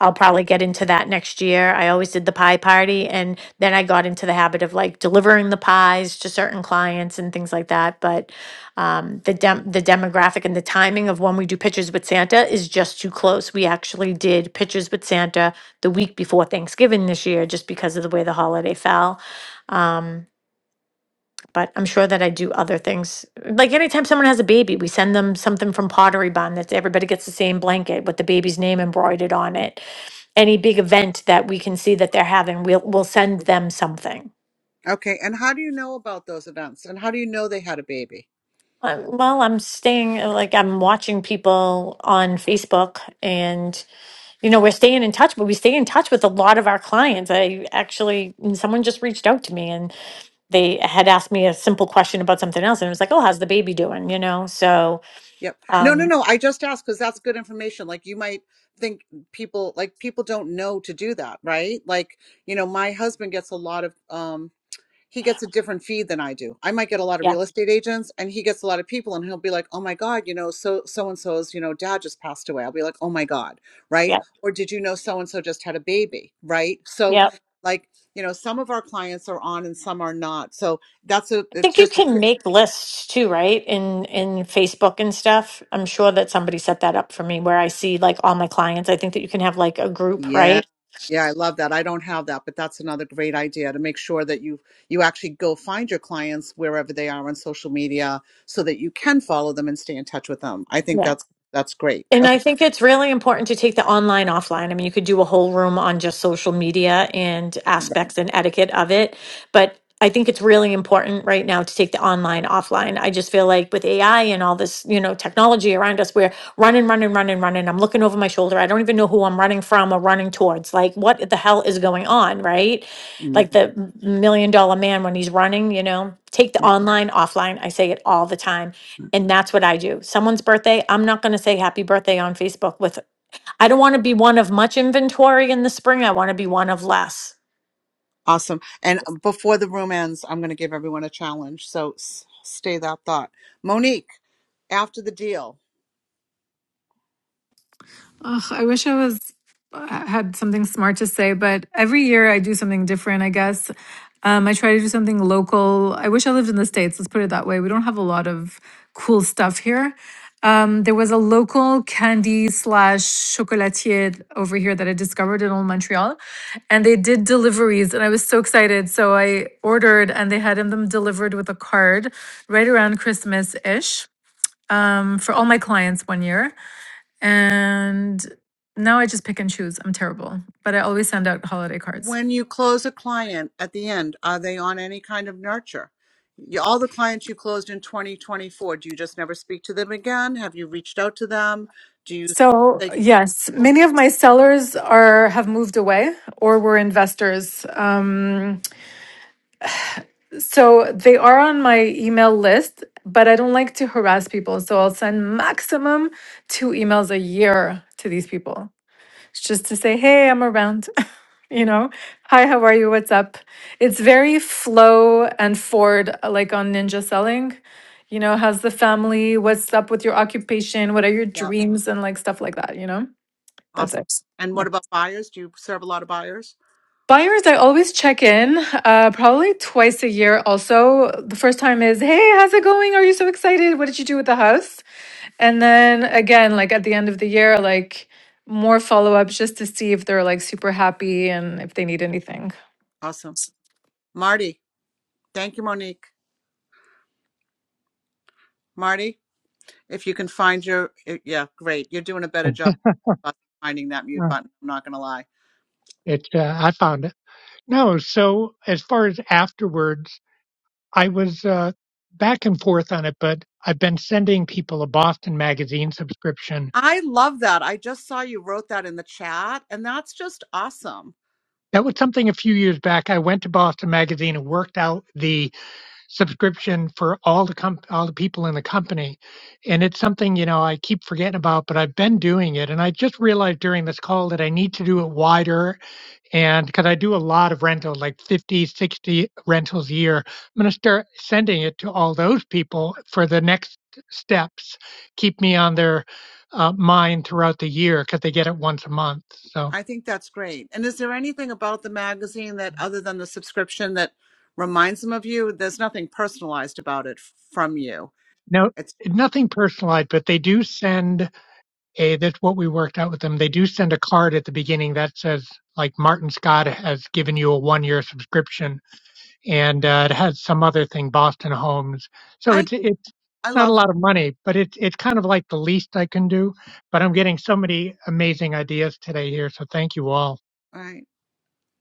I'll probably get into that next year. I always did the pie party, and then I got into the habit of like delivering the pies to certain clients and things like that. But um, the dem- the demographic and the timing of when we do pictures with Santa is just too close. We actually did pictures with Santa the week before Thanksgiving this year, just because of the way the holiday fell. Um, but I'm sure that I do other things. Like anytime someone has a baby, we send them something from Pottery Barn that everybody gets the same blanket with the baby's name embroidered on it. Any big event that we can see that they're having, we'll we'll send them something.
Okay. And how do you know about those events? And how do you know they had a baby?
Um, well, I'm staying like I'm watching people on Facebook, and you know we're staying in touch, but we stay in touch with a lot of our clients. I actually someone just reached out to me and they had asked me a simple question about something else, and it was like, "Oh, how's the baby doing?" You know, so
Yep. No, no,
um,
no. I just asked because that's good information. Like you might think people like people don't know to do that, right? Like, you know, my husband gets a lot of um he gets a different feed than I do. I might get a lot of
yeah,
real estate agents and he gets a lot of people and he'll be like, "Oh my god, you know, so so and so's, you know, dad just passed away." I'll be like, "Oh my god." Right?
Yeah.
Or did you know so and so just had a baby, right? So
Yeah.
like, you know, some of our clients are on and some are not. So that's a
I
it's
think you
just a
can make lists too, right? In in Facebook and stuff. I'm sure that somebody set that up for me where I see like all my clients. I think that you can have like a group,
Yeah.
right?
Yeah, I love that. I don't have that, but that's another great idea to make sure that you you actually go find your clients wherever they are on social media so that you can follow them and stay in touch with them. I think
Yeah.
that's that's great.
And I
Okay.
think it's really important to take the online offline. I mean, you could do a whole room on just social media and aspects and etiquette of it, but I think it's really important right now to take the online offline. I just feel like with AI and all this, you know, technology around us, we're running, running, running, running. I'm looking over my shoulder. I don't even know who I'm running from or running towards. Like, what the hell is going on, right?
Mm,
Like the m- million dollar man when he's running, you know, take the
yeah.
online offline. I say it all the time and that's what I do. Someone's birthday, I'm not going to say happy birthday on Facebook with I don't want to be one of much inventory in the spring. I want to be one of less.
Awesome. And before the room ends, I'm going to give everyone a challenge. So s- stay that thought. Monique, after the deal.
Ugh, I wish I was had something smart to say, but every year I do something different. I guess um, I try to do something local. I wish I lived in the states. Let's put it that way. We don't have a lot of cool stuff here. Um, there was a local candy slash chocolatier over here that I discovered in old Montreal, and they did deliveries, and I was so excited. So I ordered, and they had them delivered with a card right around Christmas ish um, for all my clients one year. And now I just pick and choose. I'm terrible, but I always send out holiday cards.
When you close a client at the end, are they on any kind of nurture? You- All the clients you closed in 2024, do you just never speak to them again? Have you reached out to them? Do you
So,
they get
yes, many of my sellers are have moved away or were investors. Um, so they are on my email list, but I don't like to harass people. So I'll send maximum two emails a year to these people. It's just to say, hey, I'm around. you know, hi, how are you? What's up? It's very flow and forward, uh, like on ninja selling. You know, how's the family? What's up with your occupation? What are your
yeah,
dreams? And like stuff like that, you know? That's
awesome.
it.
And
Yeah.
what about buyers? Do you serve a lot of buyers?
Buyers, I always check in, uh, probably twice a year. Also, the first time is, hey, how's it going? Are you so excited? What did you do with the house? And then again, like at the end of the year, like more follow ups just to see if they're like super happy and if they need anything.
Awesome. Marty, thank you, Monique. Marty, if you can find your, eh, yeah, great. You're doing a better job of finding that mute
Uh,
button. I'm not going to lie.
It, uh, I found it. No. So as far as afterwards, I was, uh, back and forth on it, but I've been sending people a Boston Magazine subscription.
I love that. I just saw you wrote that in the chat, and that's just awesome.
That was something a few years back. I went to Boston Magazine and worked out the subscription for all the comp- all the people in the company and it's something you know I keep forgetting about but I've been doing it and I just realized during this call that I need to do it wider and cuz I do a lot of rental like 50, 60 rentals a year I'm going to start sending it to all those people for the next steps keep me on their uh, mind throughout the year cuz they get it once a month so
I think that's great. And is there anything about the magazine that, other than the subscription, that reminds them of you? There's nothing personalized about it from you.
no
It's
nothing personalized but they do send eh, that's what we worked out with them. They do send a card at the beginning that says like Martin Scott has given you a one year subscription, and uh, it has some other thing, Boston Homes. So
I
it's it's
I
not a
love.
lot of money, but it's it's kind of like the least I can do. But I'm getting so many amazing ideas today here, so thank you all.
I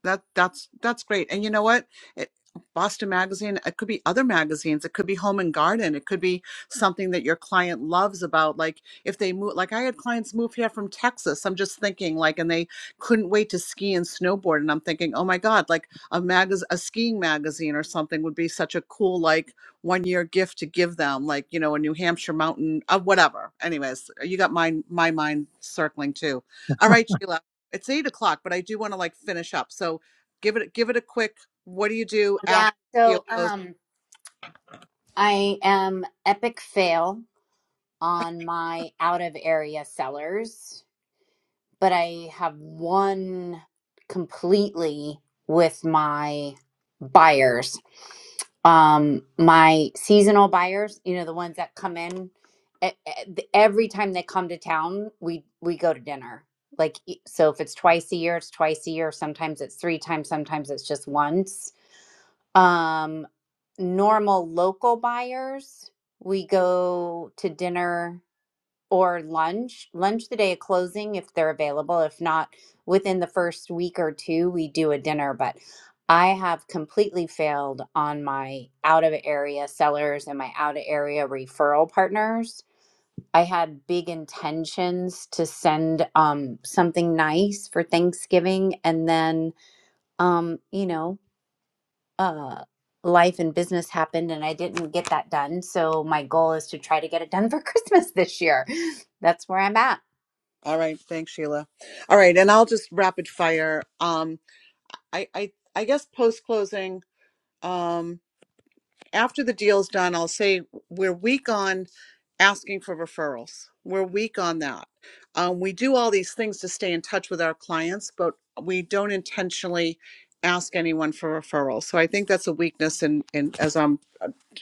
that that's that's great and you know what it, boston magazine it could be other magazines it could be home and garden it could be something that your client loves about like if they move like i had clients move here from texas i'm just thinking like and they couldn't wait to ski and snowboard and i'm thinking oh my god like a magaz a skiing magazine or something would be such a cool like one year gift to give them like you know a new hampshire mountain uh, whatever anyways you got my my mind circling too all right sheila it's eight o'clock, but I do want to like finish up. So give it give it a quick. What do you do
Yeah.
after the deal
So
closes?
um I am epic fail on my out of area sellers, but I have won completely with my buyers. Um my seasonal buyers, you know, the ones that come in e- e- every time they come to town, we we go to dinner. Like e- so if it's twice a year, it's twice a year, sometimes it's three times, sometimes it's just once Um, normal local buyers, we go to dinner or lunch, lunch the day of closing if they're available. If not, within the first week or two, we do a dinner. But I have completely failed on my out of area sellers and my out of area referral partners. I had big intentions to send um, something nice for Thanksgiving and then um, you know uh, life and business happened and I didn't get that done. So my goal is to try to get it done for Christmas this year. That's where I'm at.
All right, thanks, Sheila. All right, and I'll just rapid fire. Um, I I I guess post closing. Um, after the deal's done, I'll say we're weak on asking for referrals. We're weak on that. Um, we do all these things to stay in touch with our clients, but we don't intentionally ask anyone for referrals. So I think that's a weakness. And in, in, as I'm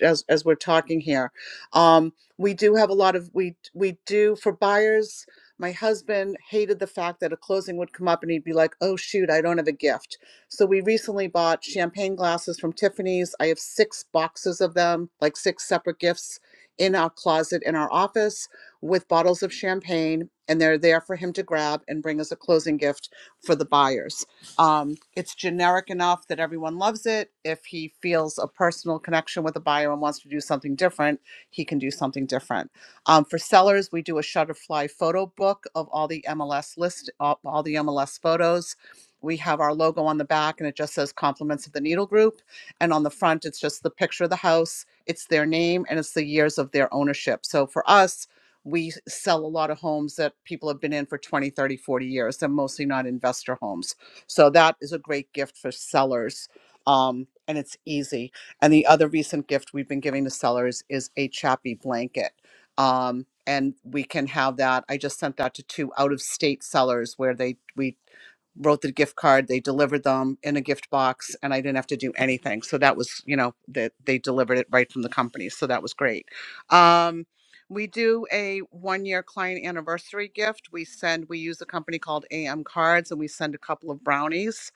as as we're talking here, um, we do have a lot of we we do for buyers. My husband hated the fact that a closing would come up and he'd be like, "Oh shoot, I don't have a gift." So we recently bought champagne glasses from Tiffany's. I have six boxes of them, like six separate gifts in our closet in our office with bottles of champagne, and they're there for him to grab and bring as a closing gift for the buyers. Um, it's generic enough that everyone loves it. If he feels a personal connection with a buyer and wants to do something different, he can do something different. Um, for sellers, we do a Shutterfly photo book of all the MLS list, all all the MLS photos we have our logo on the back and it just says compliments of the needle group and on the front it's just the picture of the house it's their name and it's the years of their ownership so for us we sell a lot of homes that people have been in for 20, 30, 40 years they're mostly not investor homes so that is a great gift for sellers um, and it's easy and the other recent gift we've been giving to sellers is a chappy blanket um, and we can have that. I just sent that to two out of state sellers where they we wrote the gift card they delivered them in a gift box and i didn't have to do anything so that was you know that they delivered it right from the company so that was great um, we do a one year client anniversary gift we send we use a company called am cards and we send a couple of brownies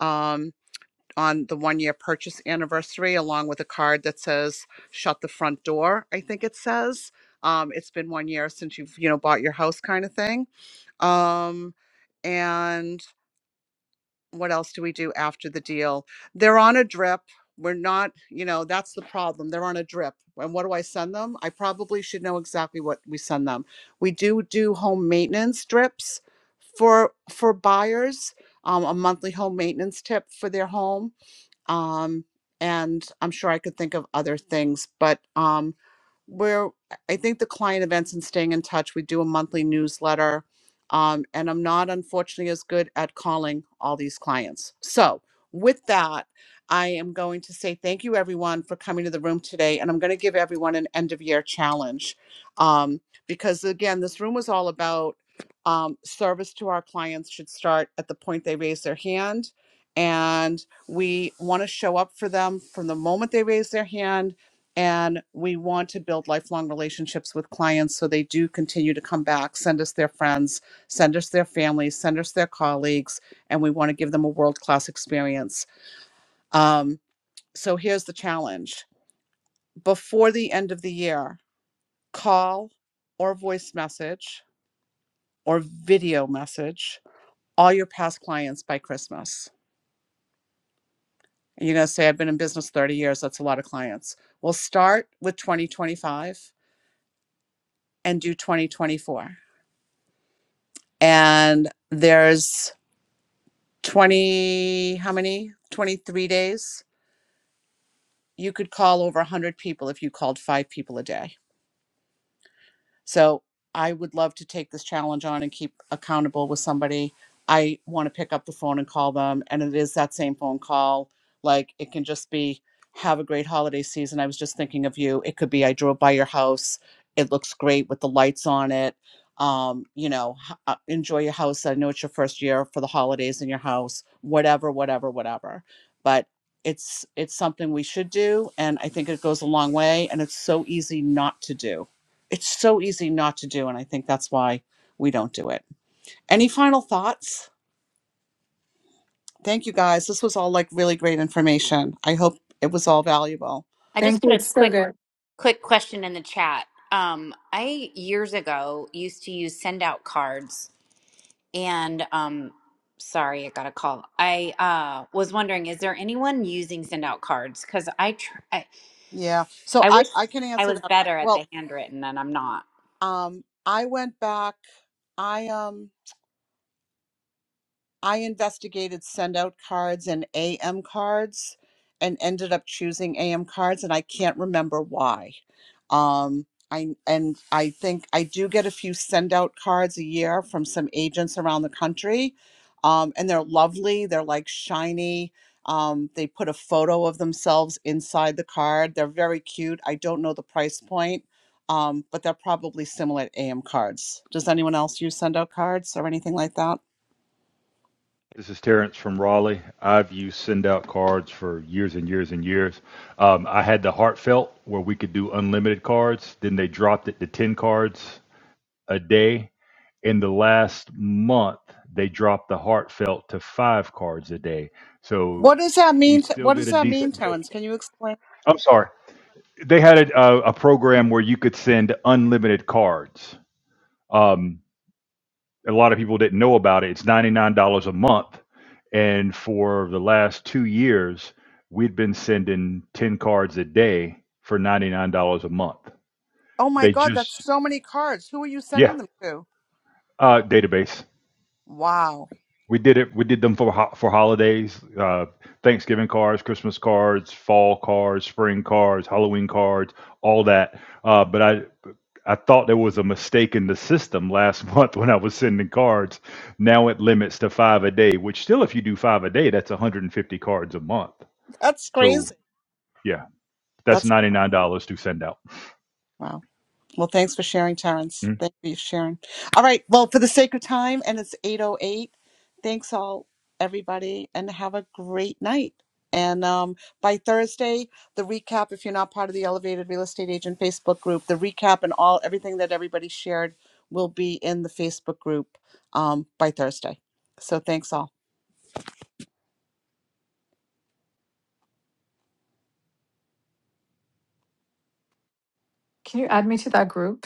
um, on the one year purchase anniversary along with a card that says shut the front door i think it says um, it's been one year since you've you know bought your house kind of thing um, and what else do we do after the deal? They're on a drip. We're not, you know, that's the problem. They're on a drip. And what do I send them? I probably should know exactly what we send them. We do do home maintenance drips for for buyers, um, a monthly home maintenance tip for their home. Um, and I'm sure I could think of other things, but um, we're i think the client events and staying in touch we do a monthly newsletter um, and i'm not unfortunately as good at calling all these clients so with that i am going to say thank you everyone for coming to the room today and i'm going to give everyone an end of year challenge um, because again this room was all about um, service to our clients should start at the point they raise their hand and we want to show up for them from the moment they raise their hand and we want to build lifelong relationships with clients so they do continue to come back, send us their friends, send us their families, send us their colleagues, and we want to give them a world class experience. Um, so here's the challenge before the end of the year, call or voice message or video message all your past clients by Christmas. And you're going to say, I've been in business 30 years. That's a lot of clients. We'll start with 2025 and do 2024 and there's 20 how many 23 days you could call over 100 people if you called five people a day So I would love to take this challenge on and keep accountable with somebody. I want to pick up the phone and call them. And it is that same phone call. Like it can just be, have a great holiday season. I was just thinking of you. It could be, I drove by your house. It looks great with the lights on it. Um, you know, h- uh, enjoy your house. I know it's your first year for the holidays in your house, whatever, whatever, whatever. But it's it's something we should do and i think it goes a long way and it's so easy not to do it's so easy not to do and i think that's why we don't do it any final thoughts thank you guys this was all like really great information i hope it was all valuable
I just put a quick quick question in the chat. Um, I years ago used to use send out cards, and um, sorry, I got a call. I uh, was wondering, is there anyone using send out cards? Because I, tr- I
yeah so
I
i
wish
i can
I
answer
was
that
better at the
well
handwritten, and I'm not.
um i went back i um. I investigated send out cards and AM cards and ended up choosing AM cards and I can't remember why. Um I and I think I do get a few send out cards a year from some agents around the country. Um and they're lovely, they're like shiny. Um, they put a photo of themselves inside the card. They're very cute. I don't know the price point, um, but they're probably similar to AM cards. Does anyone else use send out cards or anything like that?
This is Terrence from Raleigh. I've used send out cards for years and years and years. Um, I had the heartfelt where we could do unlimited cards. Then they dropped it to 10 cards a day. In the last month, they dropped the heartfelt to five cards a day. So
What does that
you
mean? To,
still
what
get
does
a
that mean,
decent deal.
Terrence? Can you explain?
I'm sorry. They had a, a, a program where you could send unlimited cards. Um, a lot of people didn't know about it. It's $99 a month. And for the last two years, we'd been sending 10 cards a day for $99 a month.
Oh my
They
God,
just,
that's so many cards. Who are you
yeah,
sending them to?
uh, database.
Wow,
We did it. We did them for ho- for holidays, uh, Thanksgiving cards, Christmas cards, fall cards, spring cards, Halloween cards, all that. Uh, but I I thought there was a mistake in the system last month when I was sending cards. Now it limits to five a day, which still, if you do five a day, that's 150 cards a month.
that's
So
crazy.
yeah, that's
That's
ninety nine dollars to send out.
wow. Well, thanks for sharing,
Mm-hmm.
Terrence. Thank you for sharing. All right. Well, for the sake of time, and it's 8.08, thanks all, everybody, and have a great night. And um, by Thursday, the recap, if you're not part of the Elevated Real Estate Agent Facebook group, the recap and all everything that everybody shared will be in the Facebook group um, by Thursday. So thanks all.
Can you add me to that group?